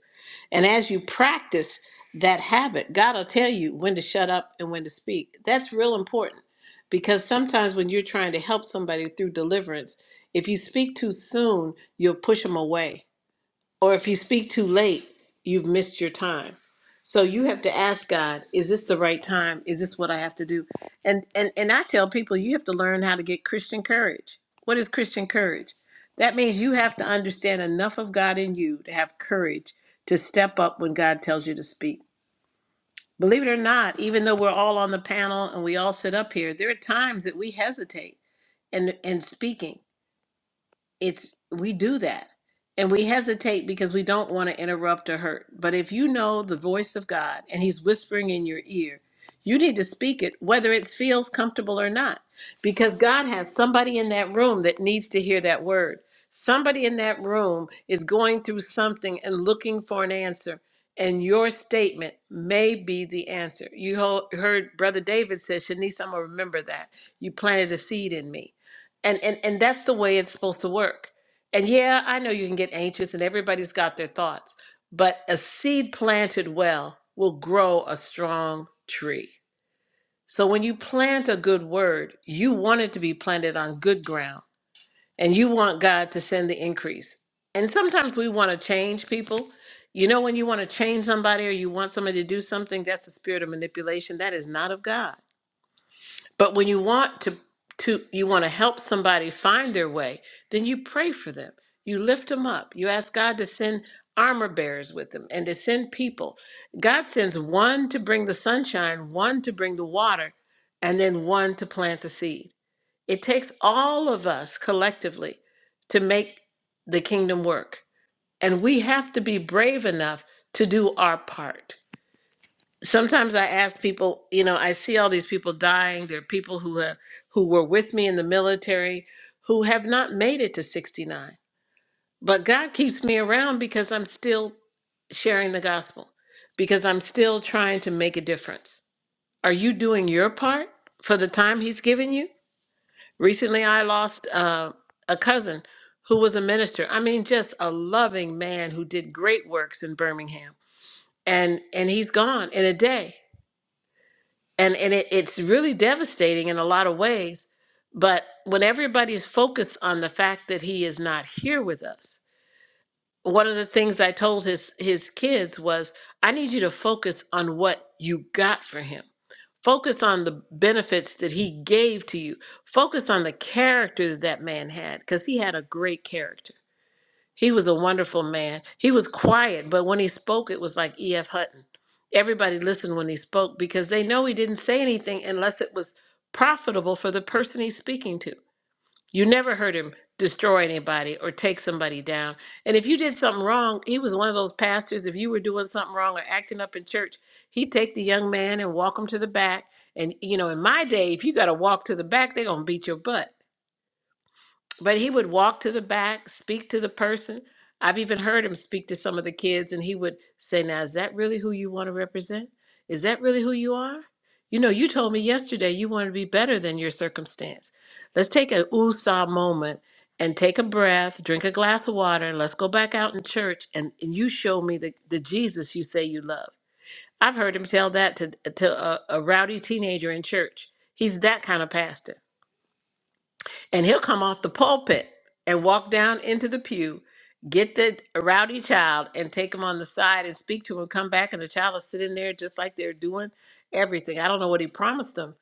Speaker 2: And as you practice that habit, God will tell you when to shut up and when to speak. That's real important because sometimes when you're trying to help somebody through deliverance, if you speak too soon, you'll push them away or if you speak too late, you've missed your time. So you have to ask God, is this the right time? Is this what I have to do? And and and I tell people you have to learn how to get Christian courage. What is Christian courage? That means you have to understand enough of God in you to have courage to step up when God tells you to speak. Believe it or not, even though we're all on the panel and we all sit up here, there are times that we hesitate in in speaking it's we do that and we hesitate because we don't want to interrupt or hurt but if you know the voice of god and he's whispering in your ear you need to speak it whether it feels comfortable or not because god has somebody in that room that needs to hear that word somebody in that room is going through something and looking for an answer and your statement may be the answer you ho- heard brother david said shanice i'm going to remember that you planted a seed in me and and and that's the way it's supposed to work and yeah i know you can get anxious and everybody's got their thoughts but a seed planted well will grow a strong tree so when you plant a good word you want it to be planted on good ground and you want god to send the increase and sometimes we want to change people you know when you want to change somebody or you want somebody to do something that's a spirit of manipulation that is not of god but when you want to to you want to help somebody find their way, then you pray for them. You lift them up. You ask God to send armor bearers with them and to send people. God sends one to bring the sunshine, one to bring the water, and then one to plant the seed. It takes all of us collectively to make the kingdom work. And we have to be brave enough to do our part sometimes I ask people, you know, I see all these people dying. There are people who have, who were with me in the military who have not made it to 69. But God keeps me around because I'm still sharing the gospel, because I'm still trying to make a difference. Are you doing your part for the time He's given you? Recently, I lost uh, a cousin who was a minister. I mean, just a loving man who did great works in Birmingham, and and he's gone in a day and and it, it's really devastating in a lot of ways but when everybody's focused on the fact that he is not here with us one of the things i told his his kids was i need you to focus on what you got for him focus on the benefits that he gave to you focus on the character that, that man had because he had a great character he was a wonderful man. He was quiet, but when he spoke, it was like E.F. Hutton. Everybody listened when he spoke because they know he didn't say anything unless it was profitable for the person he's speaking to. You never heard him destroy anybody or take somebody down. And if you did something wrong, he was one of those pastors. If you were doing something wrong or acting up in church, he'd take the young man and walk him to the back. And, you know, in my day, if you got to walk to the back, they're going to beat your butt. But he would walk to the back, speak to the person. I've even heard him speak to some of the kids, and he would say, Now, is that really who you want to represent? Is that really who you are? You know, you told me yesterday you want to be better than your circumstance. Let's take a USA moment and take a breath, drink a glass of water, and let's go back out in church and, and you show me the, the Jesus you say you love. I've heard him tell that to, to a, a rowdy teenager in church. He's that kind of pastor and he'll come off the pulpit and walk down into the pew, get the rowdy child and take him on the side and speak to him, come back, and the child is sitting there just like they're doing everything. I don't know what he promised them,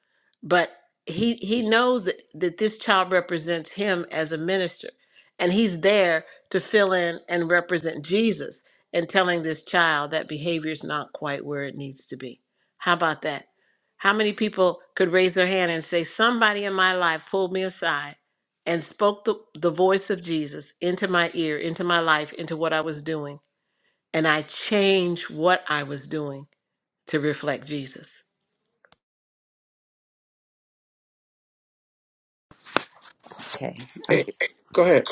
Speaker 2: but he he knows that, that this child represents him as a minister. And he's there to fill in and represent Jesus and telling this child that behavior is not quite where it needs to be. How about that? How many people could raise their hand and say, Somebody in my life pulled me aside and spoke the, the voice of Jesus into my ear, into my life, into what I was doing. And I changed what I was doing to reflect Jesus.
Speaker 4: Okay.
Speaker 1: Eh, Go ahead.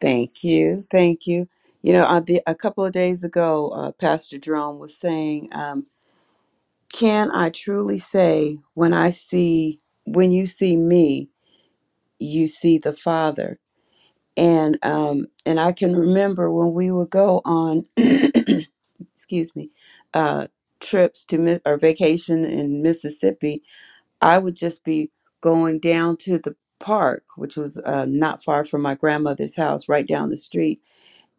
Speaker 4: Thank you. Thank you. You know, uh, the, a couple of days ago, uh, Pastor Jerome was saying, um, Can I truly say, when I see, when you see me, you see the Father? And um, and I can remember when we would go on. excuse me, uh, trips to Mi- or vacation in Mississippi, I would just be going down to the park, which was uh, not far from my grandmother's house, right down the street.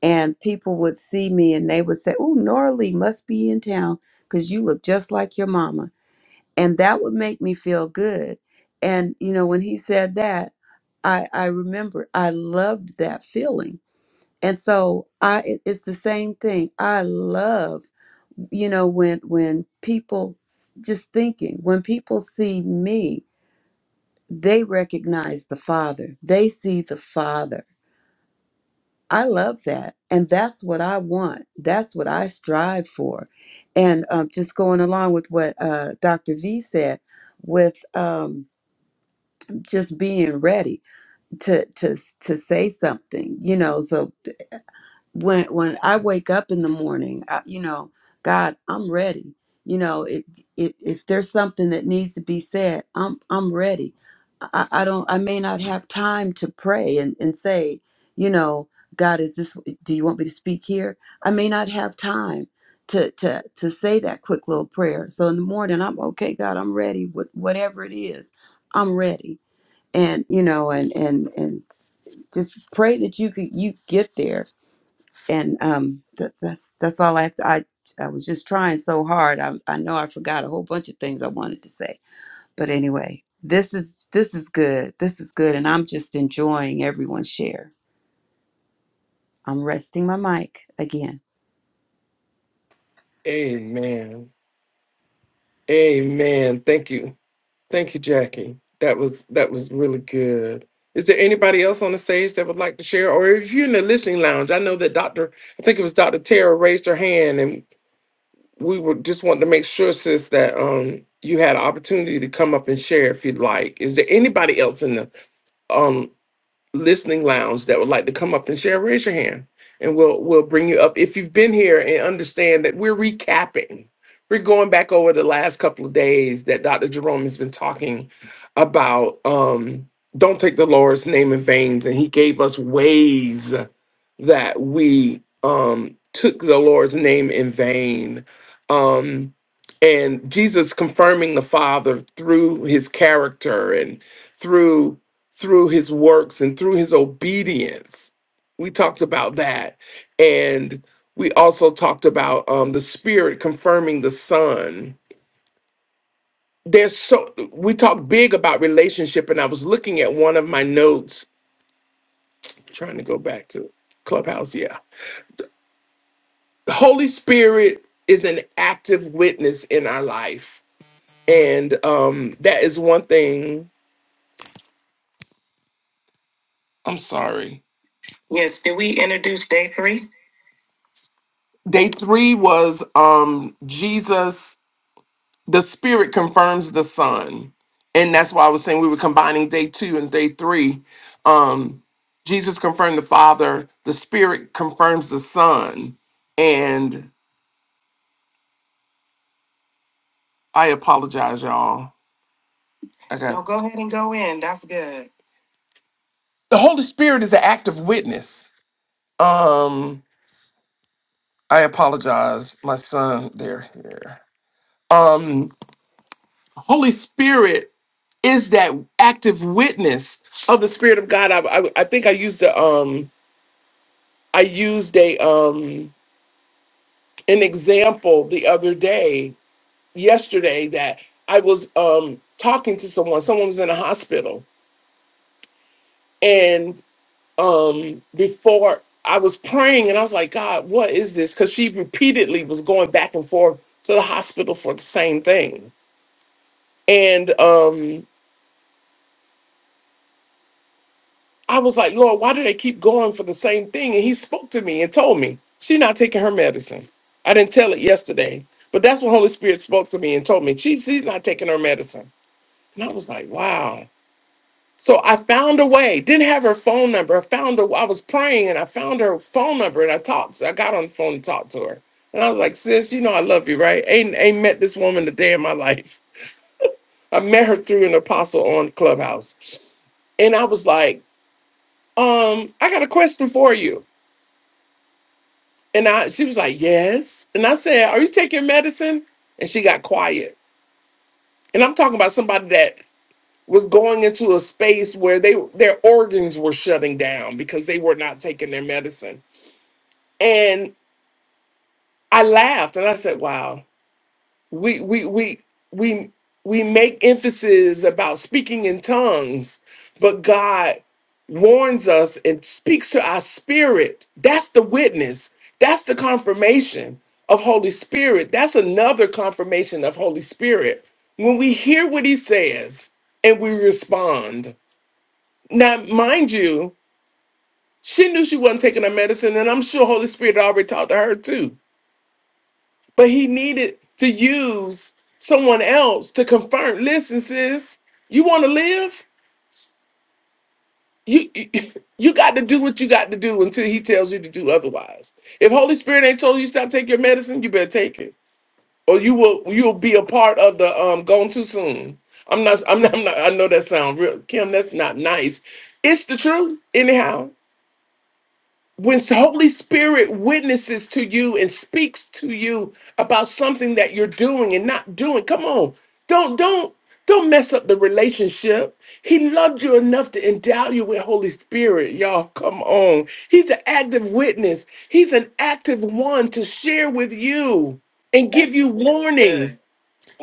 Speaker 4: And people would see me and they would say, Oh, Nora Lee must be in town because you look just like your mama. And that would make me feel good. And, you know, when he said that, I, I remember I loved that feeling. And so I it- it's the same thing. I love you know when when people just thinking when people see me they recognize the father they see the father i love that and that's what i want that's what i strive for and um, just going along with what uh, dr v said with um, just being ready to to to say something you know so when when I wake up in the morning, I, you know, God, I'm ready. You know, it, it, if there's something that needs to be said, I'm I'm ready. I, I don't. I may not have time to pray and and say, you know, God, is this? Do you want me to speak here? I may not have time to to to say that quick little prayer. So in the morning, I'm okay. God, I'm ready. What whatever it is, I'm ready. And you know, and and and just pray that you could you get there and um that, that's that's all I have to, I I was just trying so hard. I I know I forgot a whole bunch of things I wanted to say. But anyway, this is this is good. This is good and I'm just enjoying everyone's share. I'm resting my mic again.
Speaker 1: Amen. Amen. Thank you. Thank you, Jackie. That was that was really good. Is there anybody else on the stage that would like to share? Or if you're in the listening lounge, I know that Dr. I think it was Dr. Tara raised her hand and. we were just wanted to make sure, sis, that um you had an opportunity to come up and share if you'd like. Is there anybody else in the um listening lounge that would like to come up and share? Raise your hand, and we'll we'll bring you up. If you've been here and understand that we're recapping, we're going back over the last couple of days that Dr. Jerome has been talking about. Um, don't take the Lord's name in vain, and he gave us ways that we um, took the Lord's name in vain. Um, and Jesus confirming the Father through his character and through through his works and through his obedience. We talked about that. And we also talked about um, the Spirit confirming the Son. There's so we talked big about relationship, and I was looking at one of my notes, trying to go back to Clubhouse. Yeah the Holy Spirit is an active witness in our life. And um, that is one thing. I'm sorry. Yes, did we introduce day three? Day three was um, Jesus, the Spirit confirms the Son. And that's why I was saying we were combining day two and day three. Um, Jesus confirmed the Father, the Spirit confirms the Son. And I apologize, y'all. I got No, go ahead and go in. That's good. the Holy Spirit is an active witness. Um, I apologize, my son. They're here. Um, Holy Spirit is that active witness of the Spirit of God. I, I, I think I used a, um, I used a um, an example the other day, yesterday, that I was um talking to someone. Someone was in a hospital, um before I was praying and I was like, God, what is this? Because she repeatedly was going back and forth to the hospital for the same thing. And um I was like, Lord, why do they keep going for the same thing? And he spoke to me and told me she's not taking her medicine. I didn't tell it yesterday, but that's when Holy Spirit spoke to me and told me she, she's not taking her medicine. And I was like, wow. So I found a way. Didn't have her phone number. I found her. I was praying and I found her phone number and I talked. So I got on the phone and talked to her. And I was like, sis, you know I love you, right? Ain't ain't met this woman a day in my life. I met her through an apostle on Clubhouse. And I was like, um, I got a question for you. And I she was like, Yes. And I said, Are you taking medicine? And she got quiet. And I'm talking about somebody that was going into a space where they their organs were shutting down because they were not taking their medicine and I laughed and I said, "Wow, we we we we we make emphasis about speaking in tongues, but God warns us and speaks to our spirit. That's the witness. That's the confirmation of Holy Spirit. That's another confirmation of Holy Spirit when we hear what He says and we respond. Now, mind you." She knew she wasn't taking her medicine, and I'm sure Holy Spirit already talked to her too but he needed to use someone else to confirm. Listen, sis, you want to live? You you got to do what you got to do until he tells you to do otherwise. If Holy Spirit ain't told you stop taking your medicine, you better take it, or you will you'll be a part of the um gone too soon. I'm not I'm not, I'm not I know that sound real, Kim. That's not nice. It's the truth, anyhow. when the Holy Spirit witnesses to you and speaks to you about something that you're doing and not doing, come on, don't don't don't mess up the relationship. He loved you enough to endow you with Holy Spirit, y'all. Come on, He's an active witness. He's an active one to share with you and give That's you warning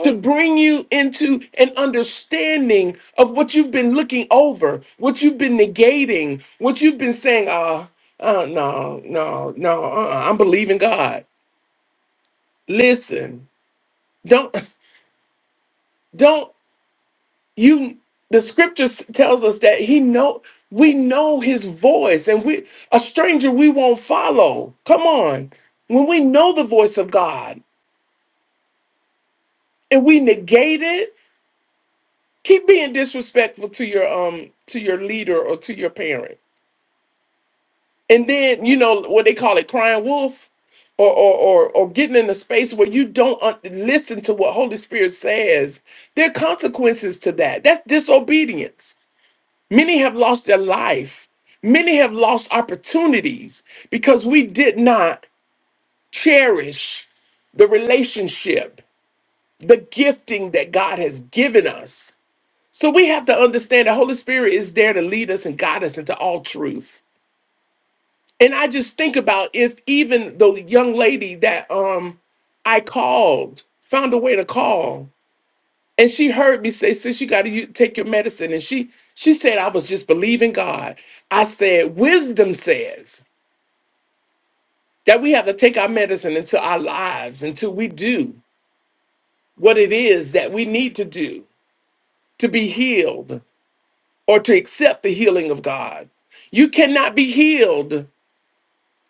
Speaker 1: to bring you into an understanding of what you've been looking over, what you've been negating, what you've been saying, uh, uh no, no, no, uh-uh, I'm believing God. Listen, don't don't you the scripture s- tells us that he know we know his voice and we a stranger we won't follow. Come on. When we know the voice of God and we negate it, keep being disrespectful to your um to your leader or to your parent and then you know what they call it crying wolf or or or, or getting in a space where you don't un- listen to what holy spirit says there are consequences to that that's disobedience many have lost their life many have lost opportunities because we did not cherish the relationship the gifting that god has given us so we have to understand that holy spirit is there to lead us and guide us into all truth And I just think about if even the young lady that um I called found a way to call, and she heard me say, "Sis, you got to take your medicine," and she she said, "I was just believing God." I said, "Wisdom says that we have to take our medicine into our lives until we do what it is that we need to do to be healed or to accept the healing of God." You cannot be healed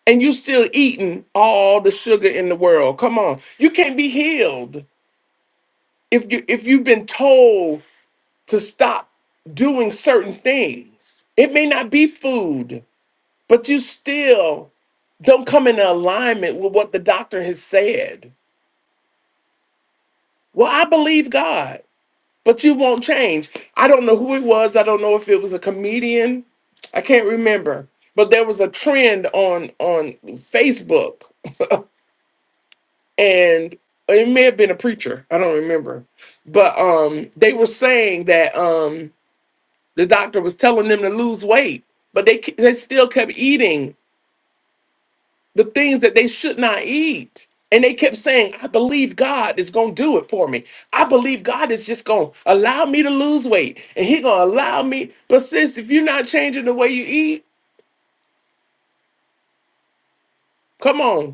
Speaker 1: and you still eating all the sugar in the world. Come on. You can't be healed if you if you've been told to stop doing certain things. It may not be food, but you still don't come in alignment with what the doctor has said. Well, I believe God, but you won't change. I don't know who it was. I don't know if it was a comedian. I can't remember. But there was a trend on on Facebook and it may have been a preacher i don't remember but um they were saying that um the doctor was telling them to lose weight but they ke- they still kept eating the things that they should not eat and they kept saying i believe god is going to do it for me i believe god is just going to allow me to lose weight and he going to allow me but sis if you're not changing the way you eat come on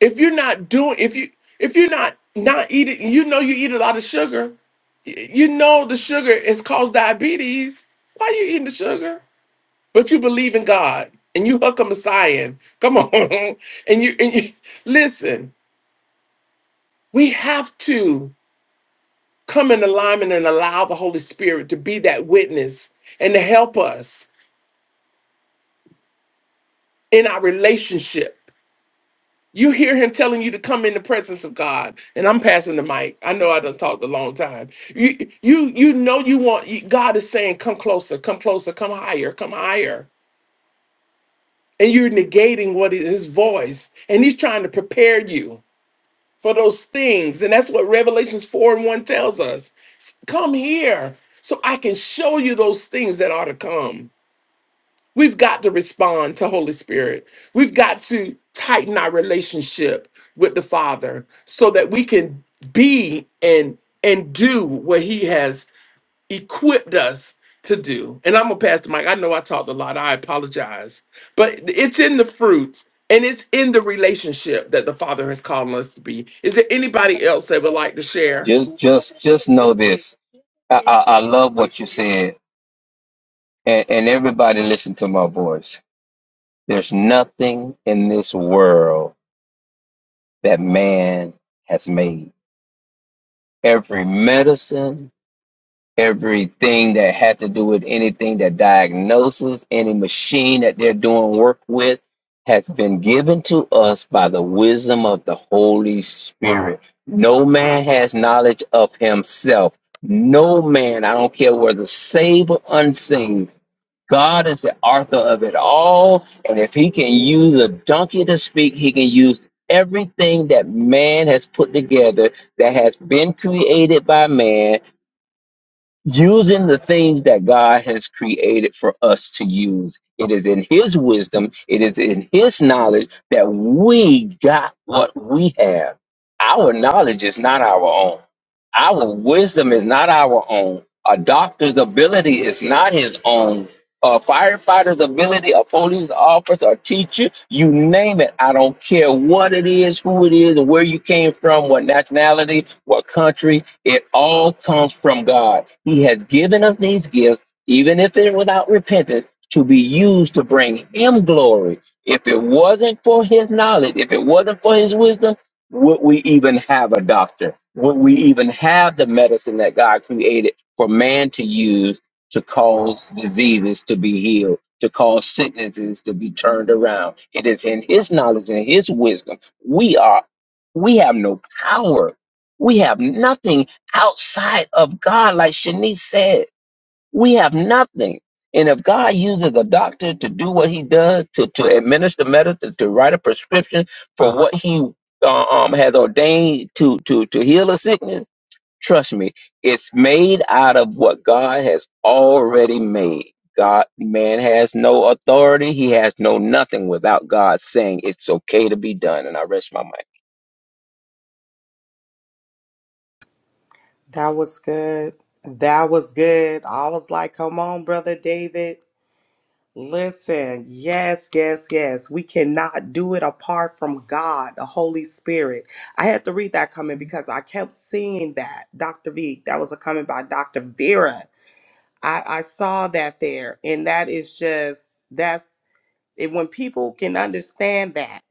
Speaker 1: if you're not doing if you if you're not not eating you know you eat a lot of sugar y- you know the sugar has caused diabetes why are you eating the sugar but you believe in god and you hook a messiah come on and you and you listen we have to come in alignment and allow the holy spirit to be that witness and to help us in our relationship You hear him telling you to come in the presence of God, and I'm passing the mic. I know I done talked a long time. You, you, you know you want. you- God is saying, "Come closer, come closer, come higher, come higher," and you're negating what is His voice, and He's trying to prepare you for those things, and that's what Revelations four and one tells us. Come here, so I can show you those things that are to come. We've got to respond to Holy Spirit. We've got to tighten our relationship with the Father so that we can be and and do what he has equipped us to do. And I'm gonna pass the mic. I know I talked a lot. I apologize. But it's in the fruit and it's in the relationship that the Father has called us to be. Is there anybody else that would like to share?
Speaker 5: Just, just, just know this. I, I, I love what you said, and, and everybody listen to my voice. There's nothing in this world that man has made. every medicine, everything that had to do with anything that diagnoses, any machine that they're doing work with has been given to us by the wisdom of the Holy Spirit. No man has knowledge of himself. No man, I don't care whether saved or unsaved. God is the author of it all. And if he can use a donkey to speak, he can use everything that man has put together that has been created by man, using the things that God has created for us to use. It is in his wisdom, it is in his knowledge that we got what we have. Our knowledge is not our own. Our wisdom is not our own. A doctor's ability is not his own a firefighter's ability, a police officer, a teacher, you name it. I don't care what it is, who it is, where you came from, what nationality, what country. It all comes from God. He has given us these gifts, even if it's without repentance, to be used to bring Him glory. If it wasn't for His knowledge, if it wasn't for His wisdom, would we even have a doctor? Would we even have the medicine that God created for man to use? to cause diseases to be healed, to cause sicknesses to be turned around. It is in his knowledge and his wisdom. We are we have no power. We have nothing outside of God, like Shanice said. We have nothing. And if God uses a doctor to do what he does, to, to administer medicine, to write a prescription for what he uh, um, has ordained to, to, to heal a sickness, Trust me, it's made out of what God has already made. God, man has no authority. He has no nothing without God saying it's okay to be done. And I rest my mic
Speaker 3: That was good. That was good. I was like, come on, brother David. Listen, yes, yes, yes. We cannot do it apart from God, the Holy Spirit. I had to read that comment because I kept seeing that. Dr. V, that was a comment by Dr. Vera. I, I saw that there. And that is just, that's it. When people can understand that,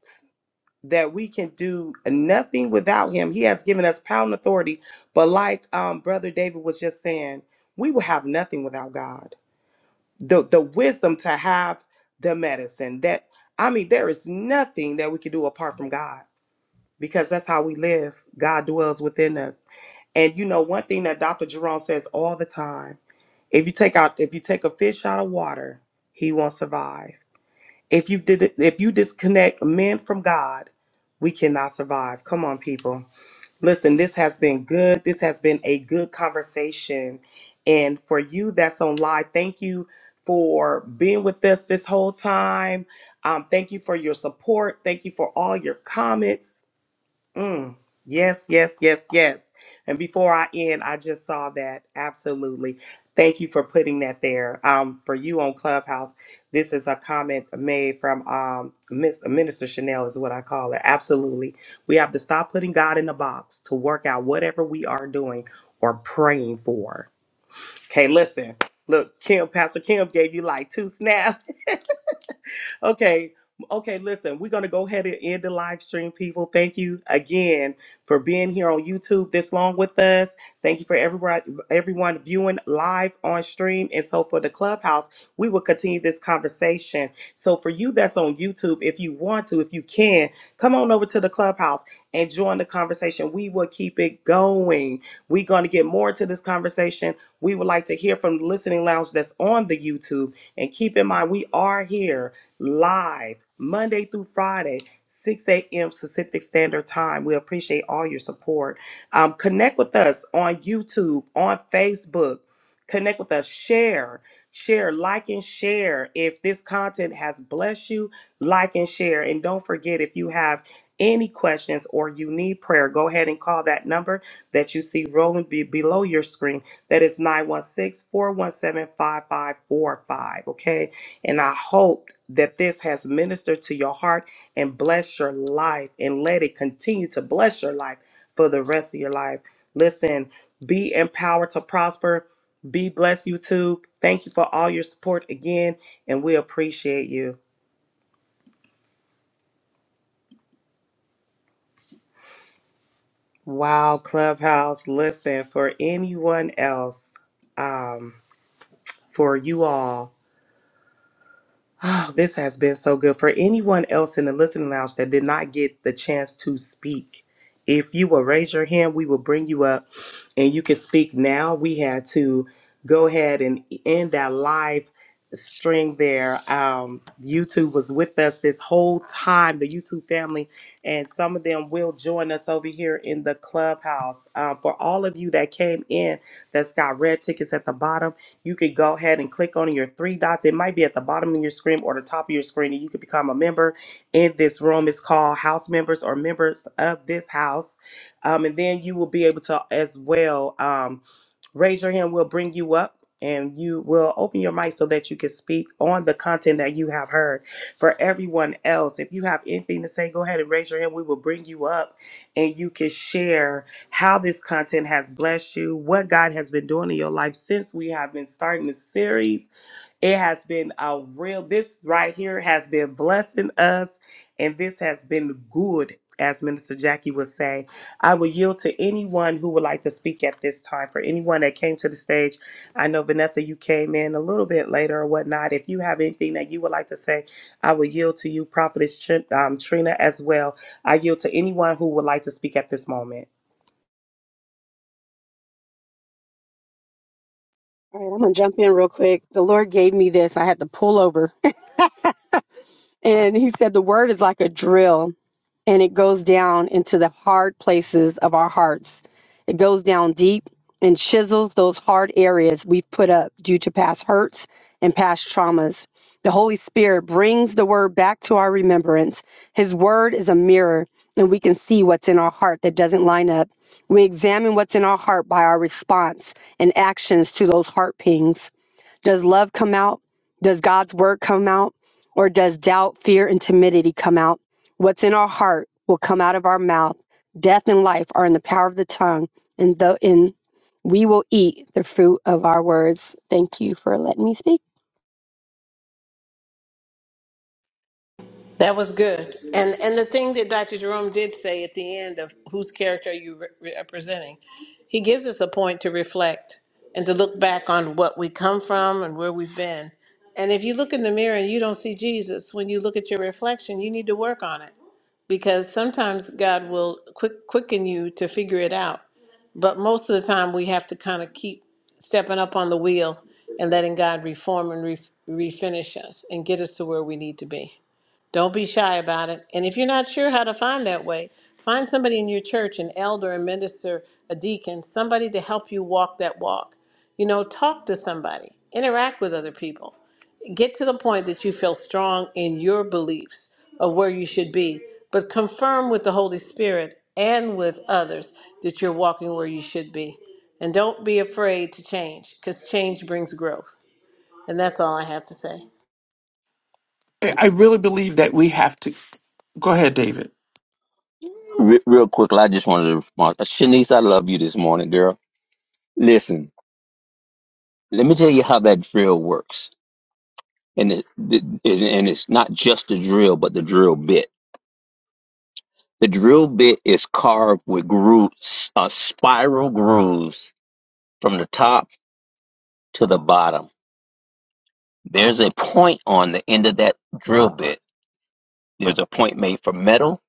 Speaker 3: that we can do nothing without him. He has given us power and authority. But like um, Brother David was just saying, we will have nothing without God. The the wisdom to have the medicine that I mean, there is nothing that we can do apart from God because that's how we live. God dwells within us. And you know, one thing that Dr. Jerome says all the time, if you take out if you take a fish out of water, he won't survive. If you did, if you disconnect men from God, we cannot survive. Come on, people. Listen, this has been good. This has been a good conversation, and for you that's on live, thank you for being with us this whole time. Um, thank you for your support. Thank you for all your comments. Mm. Yes, yes, yes, yes. And before I end, I just saw that. Absolutely. Thank you for putting that there. Um, for you on Clubhouse, this is a comment made from um, Miss uh, Minister Chanel, is what I call it. Absolutely. We have to stop putting God in a box to work out whatever we are doing or praying for. Okay, listen. Look, Kim, Pastor Kim gave you like two snaps okay. Okay, listen, we're going to go ahead and end the live stream, people. Thank you again for being here on YouTube this long with us. Thank you for everyone, everyone viewing live on stream. And so for the clubhouse, we will continue this conversation. So for you that's on YouTube, if you want to, if you can, come on over to the clubhouse and join the conversation. We will keep it going. We're going to get more into this conversation. We would like to hear from the listening lounge that's on the YouTube. And keep in mind, we are here live Monday through Friday, 6 a.m. Pacific Standard Time. We appreciate all your support. Um, connect with us on YouTube, on Facebook. Connect with us, share, share, like, and share. If this content has blessed you, like and share. And don't forget, if you have any questions or you need prayer, go ahead and call that number that you see rolling be- below your screen. That is 916, 417 5545. Okay. And I hope that this has ministered to your heart and blessed your life and let it continue to bless your life for the rest of your life. Listen, be empowered to prosper. Be blessed, YouTube. Thank you for all your support again, and we appreciate you. Wow, Clubhouse. Listen, for anyone else, um, for you all. Oh, this has been so good. For anyone else in the listening lounge that did not get the chance to speak, if you will raise your hand, we will bring you up and you can speak now. We had to go ahead and end that live string there. Um, YouTube was with us this whole time, the YouTube family, and some of them will join us over here in the clubhouse. Uh, for all of you that came in, that's got red tickets at the bottom you could go ahead and click on your three dots. It might be at the bottom of your screen or the top of your screen, and you could become a member in this room. It's called House Members or Members of This House. Um, and then you will be able to as well um, raise your hand. We'll bring you up. And you will open your mic so that you can speak on the content that you have heard. For everyone else, if you have anything to say, go ahead and raise your hand. We will bring you up and you can share how this content has blessed you, what God has been doing in your life since we have been starting this series. It has been a real, this right here has been blessing us, and this has been good, as Minister Jackie would say. I will yield to anyone who would like to speak at this time. For anyone that came to the stage, I know Vanessa, you came in a little bit later or whatnot. If you have anything that you would like to say, I will yield to you, Prophetess Tr- um, Trina, as well. I yield to anyone who would like to speak at this moment.
Speaker 6: All right, I'm gonna jump in real quick. The Lord gave me this. I had to pull over, and He said the word is like a drill, and it goes down into the hard places of our hearts. It goes down deep and chisels those hard areas we've put up due to past hurts and past traumas. The Holy Spirit brings the word back to our remembrance. His word is a mirror, and we can see what's in our heart that doesn't line up. We examine what's in our heart by our response and actions to those heart pings. Does love come out? Does God's word come out? Or does doubt, fear, and timidity come out? What's in our heart will come out of our mouth. Death and life are in the power of the tongue, and, the, and we will eat the fruit of our words. Thank you for letting me speak.
Speaker 2: That was good. And and the thing that Dr. Jerome did say at the end of whose character are you re- representing, he gives us a point to reflect and to look back on what we come from and where we've been. And if you look in the mirror and you don't see Jesus, when you look at your reflection, you need to work on it. because sometimes God will quick quicken you to figure it out. But most of the time, we have to kind of keep stepping up on the wheel and letting God reform and re- refinish us and get us to where we need to be. Don't be shy about it. And if you're not sure how to find that way, find somebody in your church, an elder, a minister, a deacon, somebody to help you walk that walk. You know, talk to somebody, interact with other people. Get to the point that you feel strong in your beliefs of where you should be, but confirm with the Holy Spirit and with others that you're walking where you should be. And don't be afraid to change because change brings growth. And that's all I have to say.
Speaker 1: I I really believe that we have to go ahead, David.
Speaker 5: Re- real quickly, I just wanted to respond. Shanice, I love you this morning, girl. Listen, let me tell you how that drill works. And it, it, it- and it's not just the drill, but the drill bit. The drill bit is carved with grooves, uh, spiral grooves from the top to the bottom There's a point on the end of that drill bit. There's a point made for metal.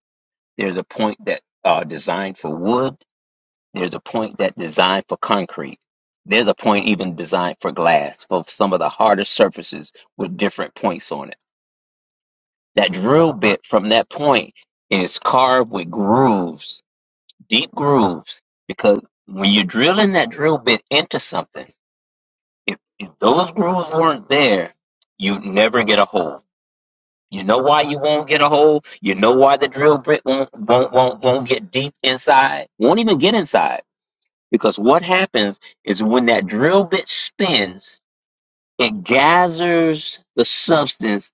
Speaker 5: There's a point that uh, designed for wood. There's a point that designed for concrete. There's a point even designed for glass for some of the hardest surfaces with different points on it. That drill bit from that point is carved with grooves, deep grooves, because when you're drilling that drill bit into something, if, if those grooves weren't there, you'd never get a hole You know why you won't get a hole. You know why the drill bit won't won't won't won't get deep inside. Won't even get inside because what happens is when that drill bit spins, it gathers the substance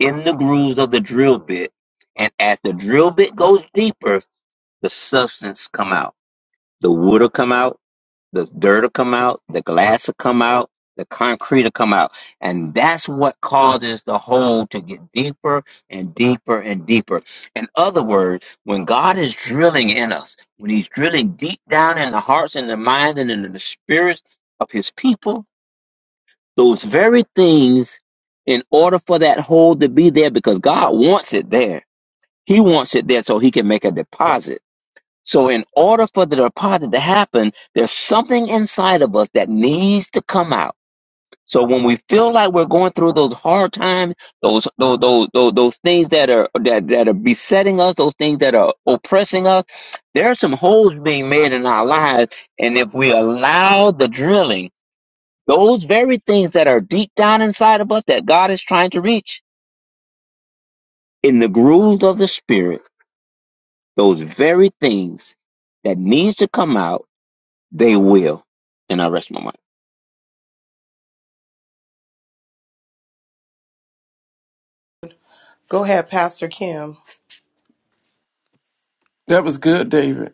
Speaker 5: in the grooves of the drill bit, and as the drill bit goes deeper, the substance come out. The wood will come out. The dirt will come out, the glass will come out, the concrete will come out. And that's what causes the hole to get deeper and deeper and deeper. In other words, when God is drilling in us, when He's drilling deep down in the hearts and the minds and in the spirits of His people, those very things, in order for that hole to be there, because God wants it there, He wants it there so He can make a deposit so, in order for the deposit to happen, there's something inside of us that needs to come out. So, when we feel like we're going through those hard times, those those those those, those things that are that, that are besetting us, those things that are oppressing us, there are some holes being made in our lives, and if we allow the drilling, those very things that are deep down inside of us that God is trying to reach in the grooves of the spirit, those very things that needs to come out They will. And I rest my mind.
Speaker 3: Go ahead, Pastor Kim.
Speaker 1: That was good, David.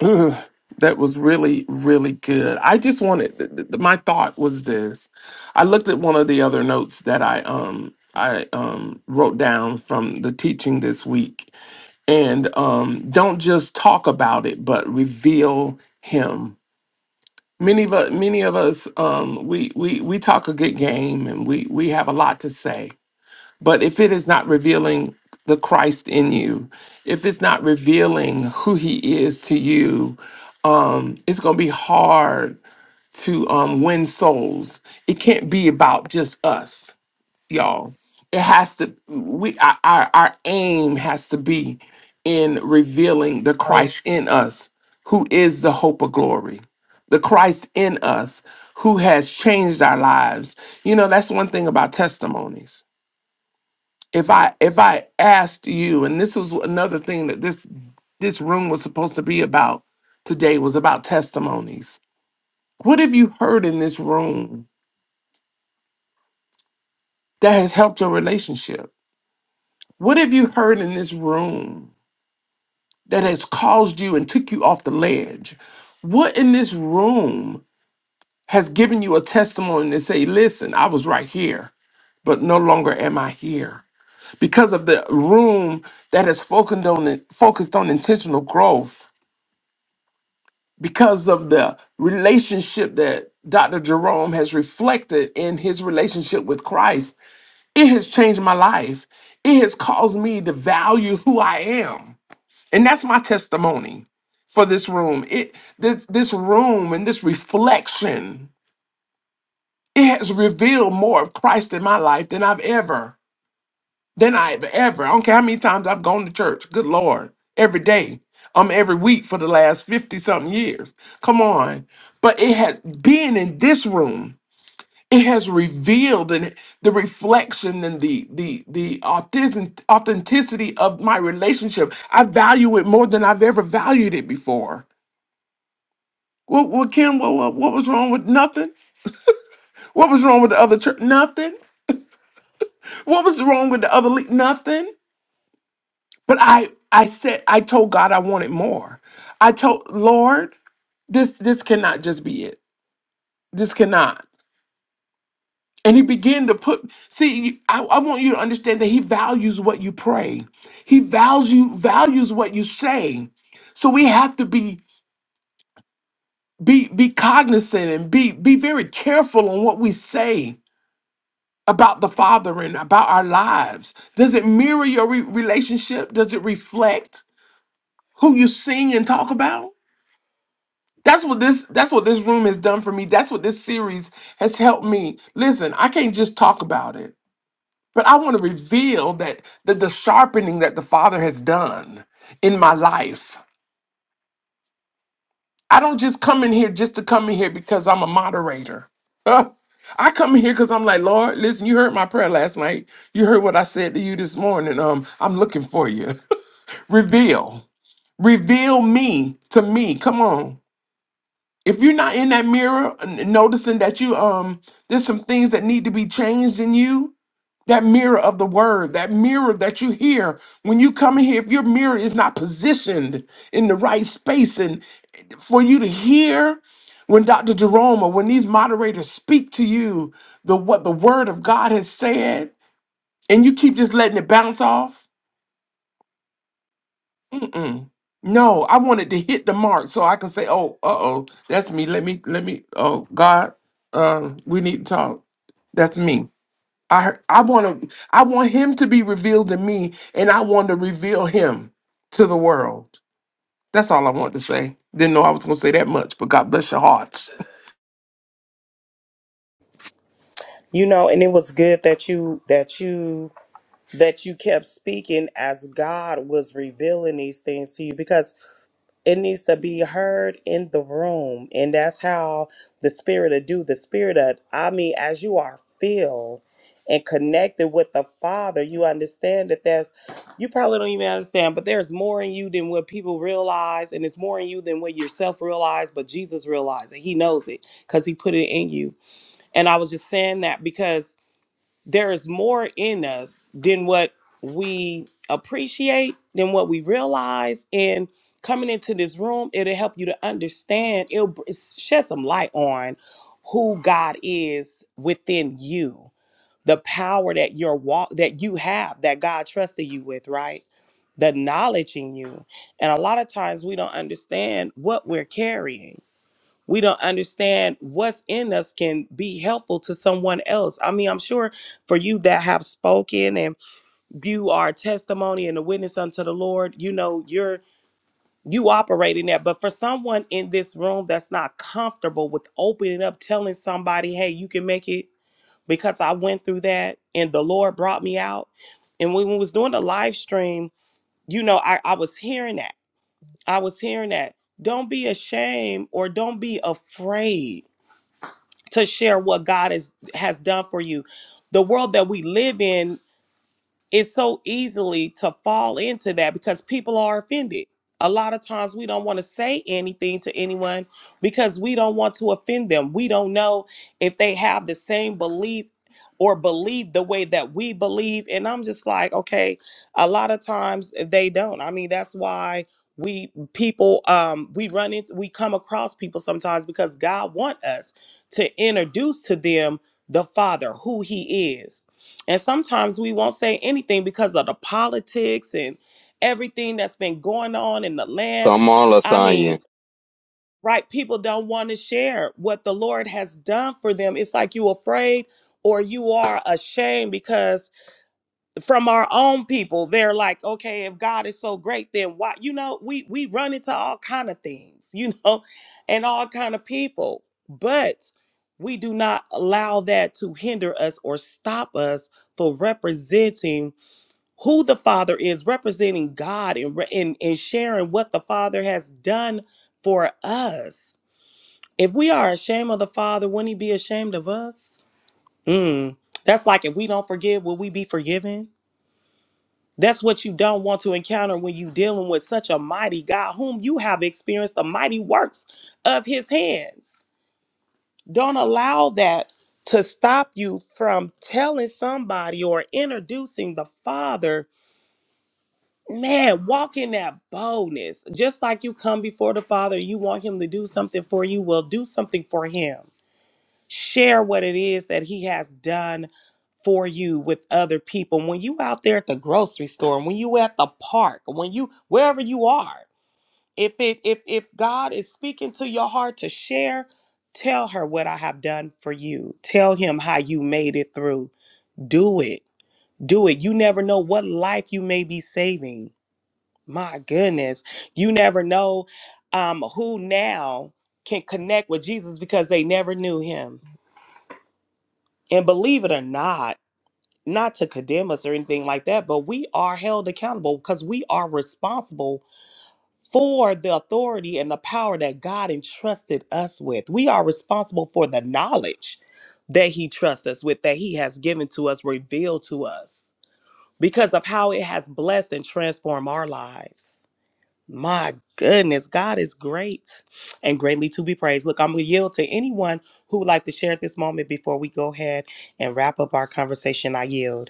Speaker 1: Ugh, that was really, really good. I just wanted th- th- th- my thought was this. I looked at one of the other notes that I um I um wrote down from the teaching this week, and um don't just talk about it, but reveal him. Many of us, many of us, um, we we we talk a good game, and we we have a lot to say but if it is not revealing the Christ in you, if it's not revealing who he is to you, um, it's going to be hard to um, win souls. It can't be about just us, y'all. It has to, we, our, our our aim has to be in revealing the
Speaker 3: Um,
Speaker 1: Christ in us, who is the hope of glory, the Christ in us, who has changed our lives. You know, that's one thing about testimonies if I if I asked you, and this was another thing that this this room was supposed to be about today was about testimonies. What have you heard in this room that has helped your relationship? What have you heard in this room that has caused you and took you off the ledge? What in this room has given you a testimony to say, listen, I was right here, but no longer am I here? Because of the room that has focused on focused on intentional growth because of the relationship that Dr. Jerome has reflected in his relationship with Christ, it has changed my life. It has caused me to value who I am. And that's my testimony for this room. It this this room and this reflection, it has revealed more of Christ in my life than I've ever than I've ever. I don't care how many times I've gone to church. Good Lord. Every day. Um, every week for the last 50 something years. Come on. But it has been in this room, it has revealed and the reflection and the the the authentic, authenticity of my relationship. I value it more than I've ever valued it before. What, what Kim, what, what, what was wrong with nothing? What was wrong with the other church? Nothing. What was wrong with the other league? Nothing. But I I said I told God I wanted more. I told Lord, this this cannot just be it. This cannot. And he began to put see you- I, I want you to understand that he values what you pray. He values values what you say. So we have to be be be cognizant and be be very careful on what we say about the Father and about our lives. Does it mirror your re- relationship? Does it reflect who you sing and talk about? That's what this that's what this room has done for me. That's what this series has helped me. Listen, I can't just talk about it, but I want to reveal that that the sharpening that the Father has done in my life. I don't just come in here just to come in here because I'm a moderator. Huh? I come in here because I'm like, Lord, listen, you heard my prayer last night. You heard what I said to you this morning. Um, I'm looking for you. reveal. Reveal me to me. Come on. if you're not in that mirror and noticing that you um there's some things that need to be changed in you that mirror of the word that mirror that you hear when you come in here if your mirror is not positioned in the right space and for you to hear when dr jerome or when these moderators speak to you the what the word of god has said and you keep just letting it bounce off Mm-mm. No, I wanted to hit the mark so I could say, "Oh, uh oh, that's me. Let me, let me. Oh God, um, we need to talk. That's me. I, heard- I want to, I want Him to be revealed to me, and I want to reveal Him to the world. That's all I want to say. Didn't know I was going to say that much, but God bless your hearts.
Speaker 3: You know, and it was good that you that you that you kept speaking as God was revealing these things to you because it needs to be heard in the room. And that's how the spirit of do the spirit of I mean, as you are filled and connected with the Father, you understand that there's you probably don't even understand, but there's more in you than what people realize, and it's more in you than what yourself realize, but Jesus realized and he knows it because he put it in you. And I was just saying that because there is more in us than what we appreciate, than what we realize. And coming into this room, it'll help you to understand, it'll br- shed some light on who God is within you, the power that your walk that you have that God trusted you with, right? The knowledge in you. And a lot of times we don't understand what we're carrying we don't understand what's in us can be helpful to someone else. I mean, I'm sure for you that have spoken and you are a testimony and a witness unto the Lord, you know, you're you operate in that. But for someone in this room that's not comfortable with opening up, telling somebody, hey, you can make it because I went through that and the Lord brought me out. And when we was doing the live stream, you know, I, I was hearing that. I was hearing that. Don't be ashamed or don't be afraid to share what God is has done for you. The world that we live in it's so easily to fall into that because people are offended. A lot of times we don't want to say anything to anyone because we don't want to offend them. We don't know if they have the same belief or believe the way that we believe. And I'm just like, okay, a lot of times they don't. I mean, that's why we people um we run into we come across people sometimes because God want us to introduce to them the Father, who He is and sometimes we won't say anything because of the politics and everything that's been going on in the land.
Speaker 5: Come on,
Speaker 3: I
Speaker 5: Lasagna.
Speaker 3: mean, right? People don't want to share what the Lord has done for them. It's like you afraid or you are ashamed because from our own people they're like okay if god is so great then why you know we we run into all kind of things you know and all kind of people but we do not allow that to hinder us or stop us for representing who the father is representing god and re- and, and sharing what the father has done for us if we are ashamed of the father wouldn't he be ashamed of us mm. that's like if we don't forgive will we be forgiven that's what you don't want to encounter when you dealing with such a mighty God, whom you have experienced the mighty works of his hands. Don't allow that to stop you from telling somebody or introducing the Father. Man, walk in that boldness. Just like you come before the Father, you want him to do something for you, well, do something for him share what it is that he has done for you with other people when you out there at the grocery store when you at the park when you wherever you are if it if if god is speaking to your heart to share tell her what i have done for you tell him how you made it through do it do it you never know what life you may be saving my goodness you never know um who now can connect with jesus because they never knew him and believe it or not, not to condemn us or anything like that, but we are held accountable because we are responsible for the authority and the power that God entrusted us with. We are responsible for the knowledge that He trusts us with, that He has given to us, revealed to us, because of how it has blessed and transformed our lives. My goodness, God is great and greatly to be praised. Look, I'm going to yield to anyone who would like to share at this moment before we go ahead and wrap up our conversation. I yield.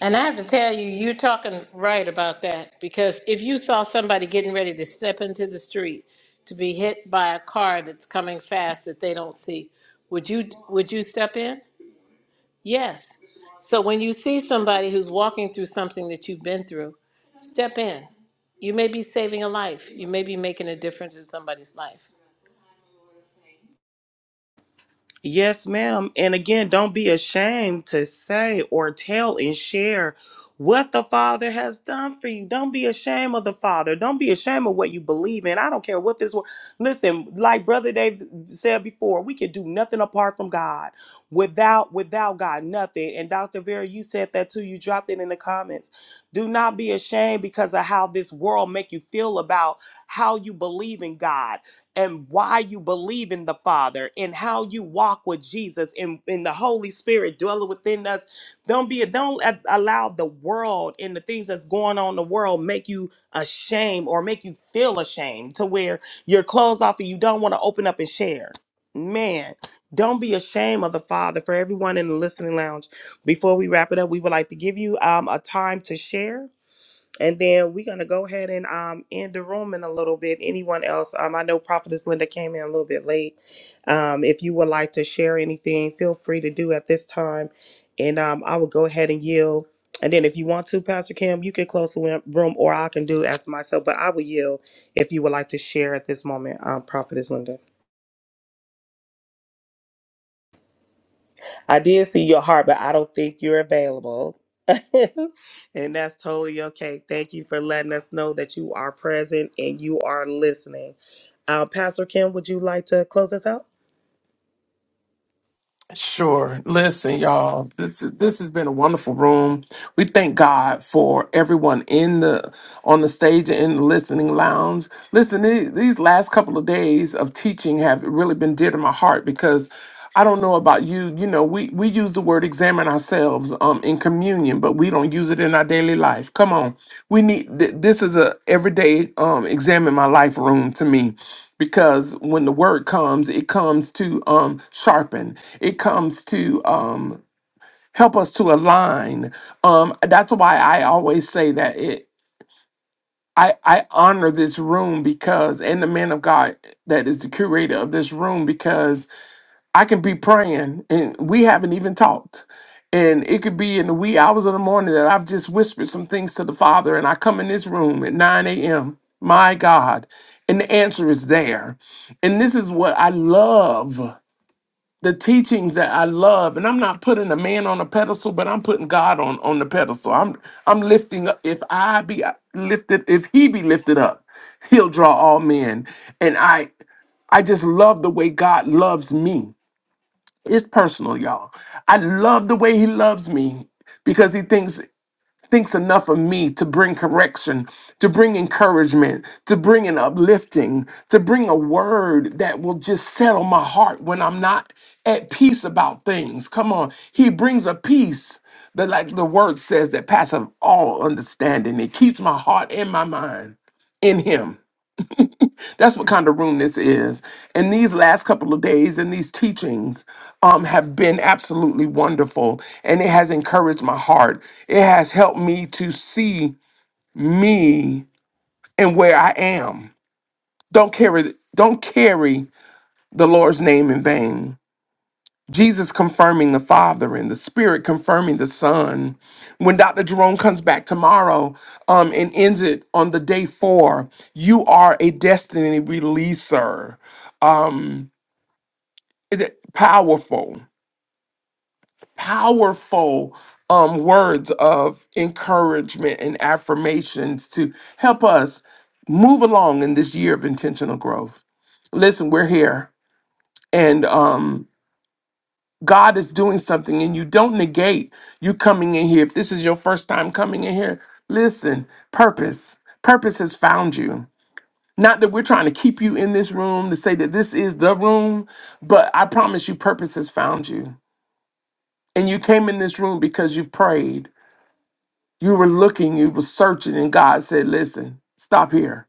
Speaker 2: And I have to tell you, you're talking right about that because if you saw somebody getting ready to step into the street to be hit by a car that's coming fast that they don't see, would you would you step in? Yes. So when you see somebody who's walking through something that you've been through, step in. You may be saving a life. You may be making a difference in somebody's life.
Speaker 3: Yes, ma'am. And again, don't be ashamed to say or tell and share what the Father has done for you. Don't be ashamed of the Father. Don't be ashamed of what you believe in. I don't care what this world. Listen, like Brother Dave said before, we can do nothing apart from God. Without without God, nothing. And Dr. Vera, you said that too. You dropped it in the comments. Do not be ashamed because of how this world make you feel about how you believe in God and why you believe in the Father and how you walk with Jesus and, and the Holy Spirit dwelling within us. Don't be don't a- allow the world and the things that's going on in the world make you ashamed or make you feel ashamed to where you're closed off and you don't want to open up and share. Man, don't be ashamed of the Father. For everyone in the listening lounge, before we wrap it up, we would like to give you um, a time to share. And then we're gonna go ahead and um end the room in a little bit. Anyone else? Um, I know Prophetess Linda came in a little bit late. Um, if you would like to share anything, feel free to do at this time, and um, I will go ahead and yield. And then if you want to, Pastor Kim, you can close the win- room, or I can do as myself. But I will yield if you would like to share at this moment, um, Prophetess Linda. I did see your heart, but I don't think you're available. and that's totally okay. Thank you for letting us know that you are present and you are listening. Uh, Pastor Kim, would you like to close us out?
Speaker 1: Sure. Listen, y'all. This is, this has been a wonderful room. We thank God for everyone in the on the stage and in the listening lounge. Listen, the- these last couple of days of teaching have really been dear to my heart because I don't know about you. You know, we, we use the word examine ourselves um, in communion, but we don't use it in our daily life. Come on, we need th- this is a everyday um, examine my life room to me, because when the word comes, it comes to um, sharpen, it comes to um, help us to align. Um, that's why I always say that it. I, I honor this room because, and the man of God that is the curator of this room because. I can be praying and we haven't even talked. And it could be in the wee hours of the morning that I've just whispered some things to the Father, and I come in this room at 9 a.m. My God. And the answer is there. And this is what I love the teachings that I love. And I'm not putting a man on a pedestal, but I'm putting God on, on the pedestal. I'm, I'm lifting up. If I be lifted, if he be lifted up, he'll draw all men. And I, I just love the way God loves me it's personal, y'all. I love the way he loves me because he thinks thinks enough of me to bring correction, to bring encouragement, to bring an uplifting, to bring a word that will just settle my heart when I'm not at peace about things. Come on. He brings a peace that like the word says that passeth all understanding. It keeps my heart and my mind in him. That's what kind of room this is. And these last couple of days and these teachings um, have been absolutely wonderful. And it has encouraged my heart. It has helped me to see me and where I am. Don't carry, don't carry the Lord's name in vain. Jesus confirming the Father and the Spirit confirming the Son. When Dr. Jerome comes back tomorrow um, and ends it on the day four, you are a destiny releaser Um, it- powerful, powerful um, words of encouragement and affirmations to help us move along in this year of intentional growth. Listen, we're here, and um, God is doing something, and you don't negate you coming in here. If this is your first time coming in here, listen, purpose, purpose has found you. Not that we're trying to keep you in this room to say that this is the room, but I promise you, purpose has found you and you came in this room because you've prayed. You were looking, you were searching, and God said, Listen, stop here.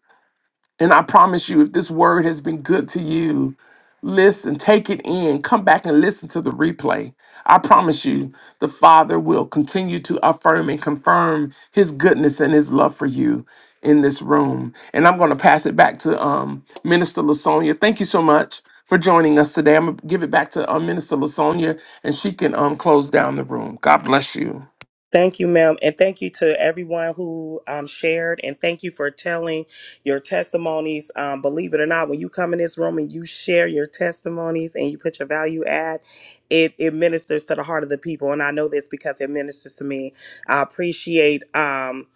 Speaker 1: And I promise you, if this word has been good to you, listen, take it in, come back and listen to the replay. I promise you, the Father will continue to affirm and confirm His goodness and His love for you in this room. And I'm going to pass it back to um, Minister Lasonia. Thank you so much for joining us today. I'm going to give it back to um, Minister Lasonia, and she can um, close down the room. God bless you.
Speaker 3: Thank you, ma'am. And thank you to everyone who um, shared. And thank you for telling your testimonies. Um, believe it or not, when you come in this room and you share your testimonies and you put your value add, it, it ministers to the heart of the people. And I know this because it ministers to me. I appreciate um,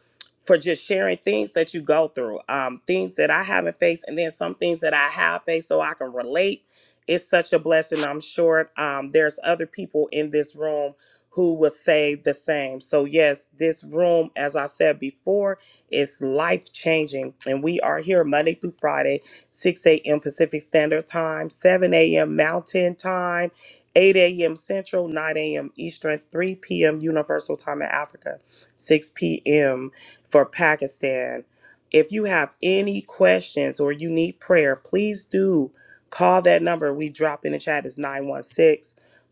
Speaker 3: for just sharing things that you go through, um, things that I haven't faced, and then some things that I have faced so I can relate. It's such a blessing. I'm sure um, there's other people in this room who will say the same. So, yes, this room, as I said before, is life changing. And we are here Monday through Friday, 6 a.m. Pacific Standard Time, 7 a.m. Mountain Time, 8 a.m. Central, 9 a.m. Eastern, 3 p.m. Universal Time in Africa, 6 p.m. for Pakistan. If you have any questions or you need prayer, please do call that number we drop in the chat. is 916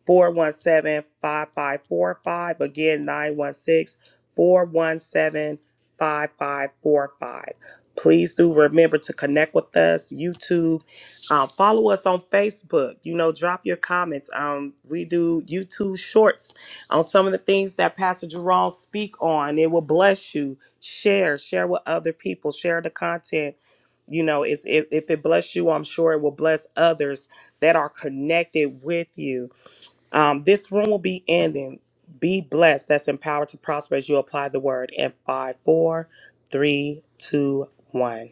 Speaker 3: 417 5545 Again, 916 417 5545. Please do remember to connect with us, YouTube. Uh, follow us on Facebook. You know, drop your comments. Um, we do YouTube shorts on some of the things that Pastor Jerome speak on. It will bless you. Share, share with other people. Share the content. You know, it's if, if it bless you, I'm sure it will bless others that are connected with you. Um, this room will be ending. Be blessed. That's empowered to prosper as you apply the word. And five, four, three, two, one.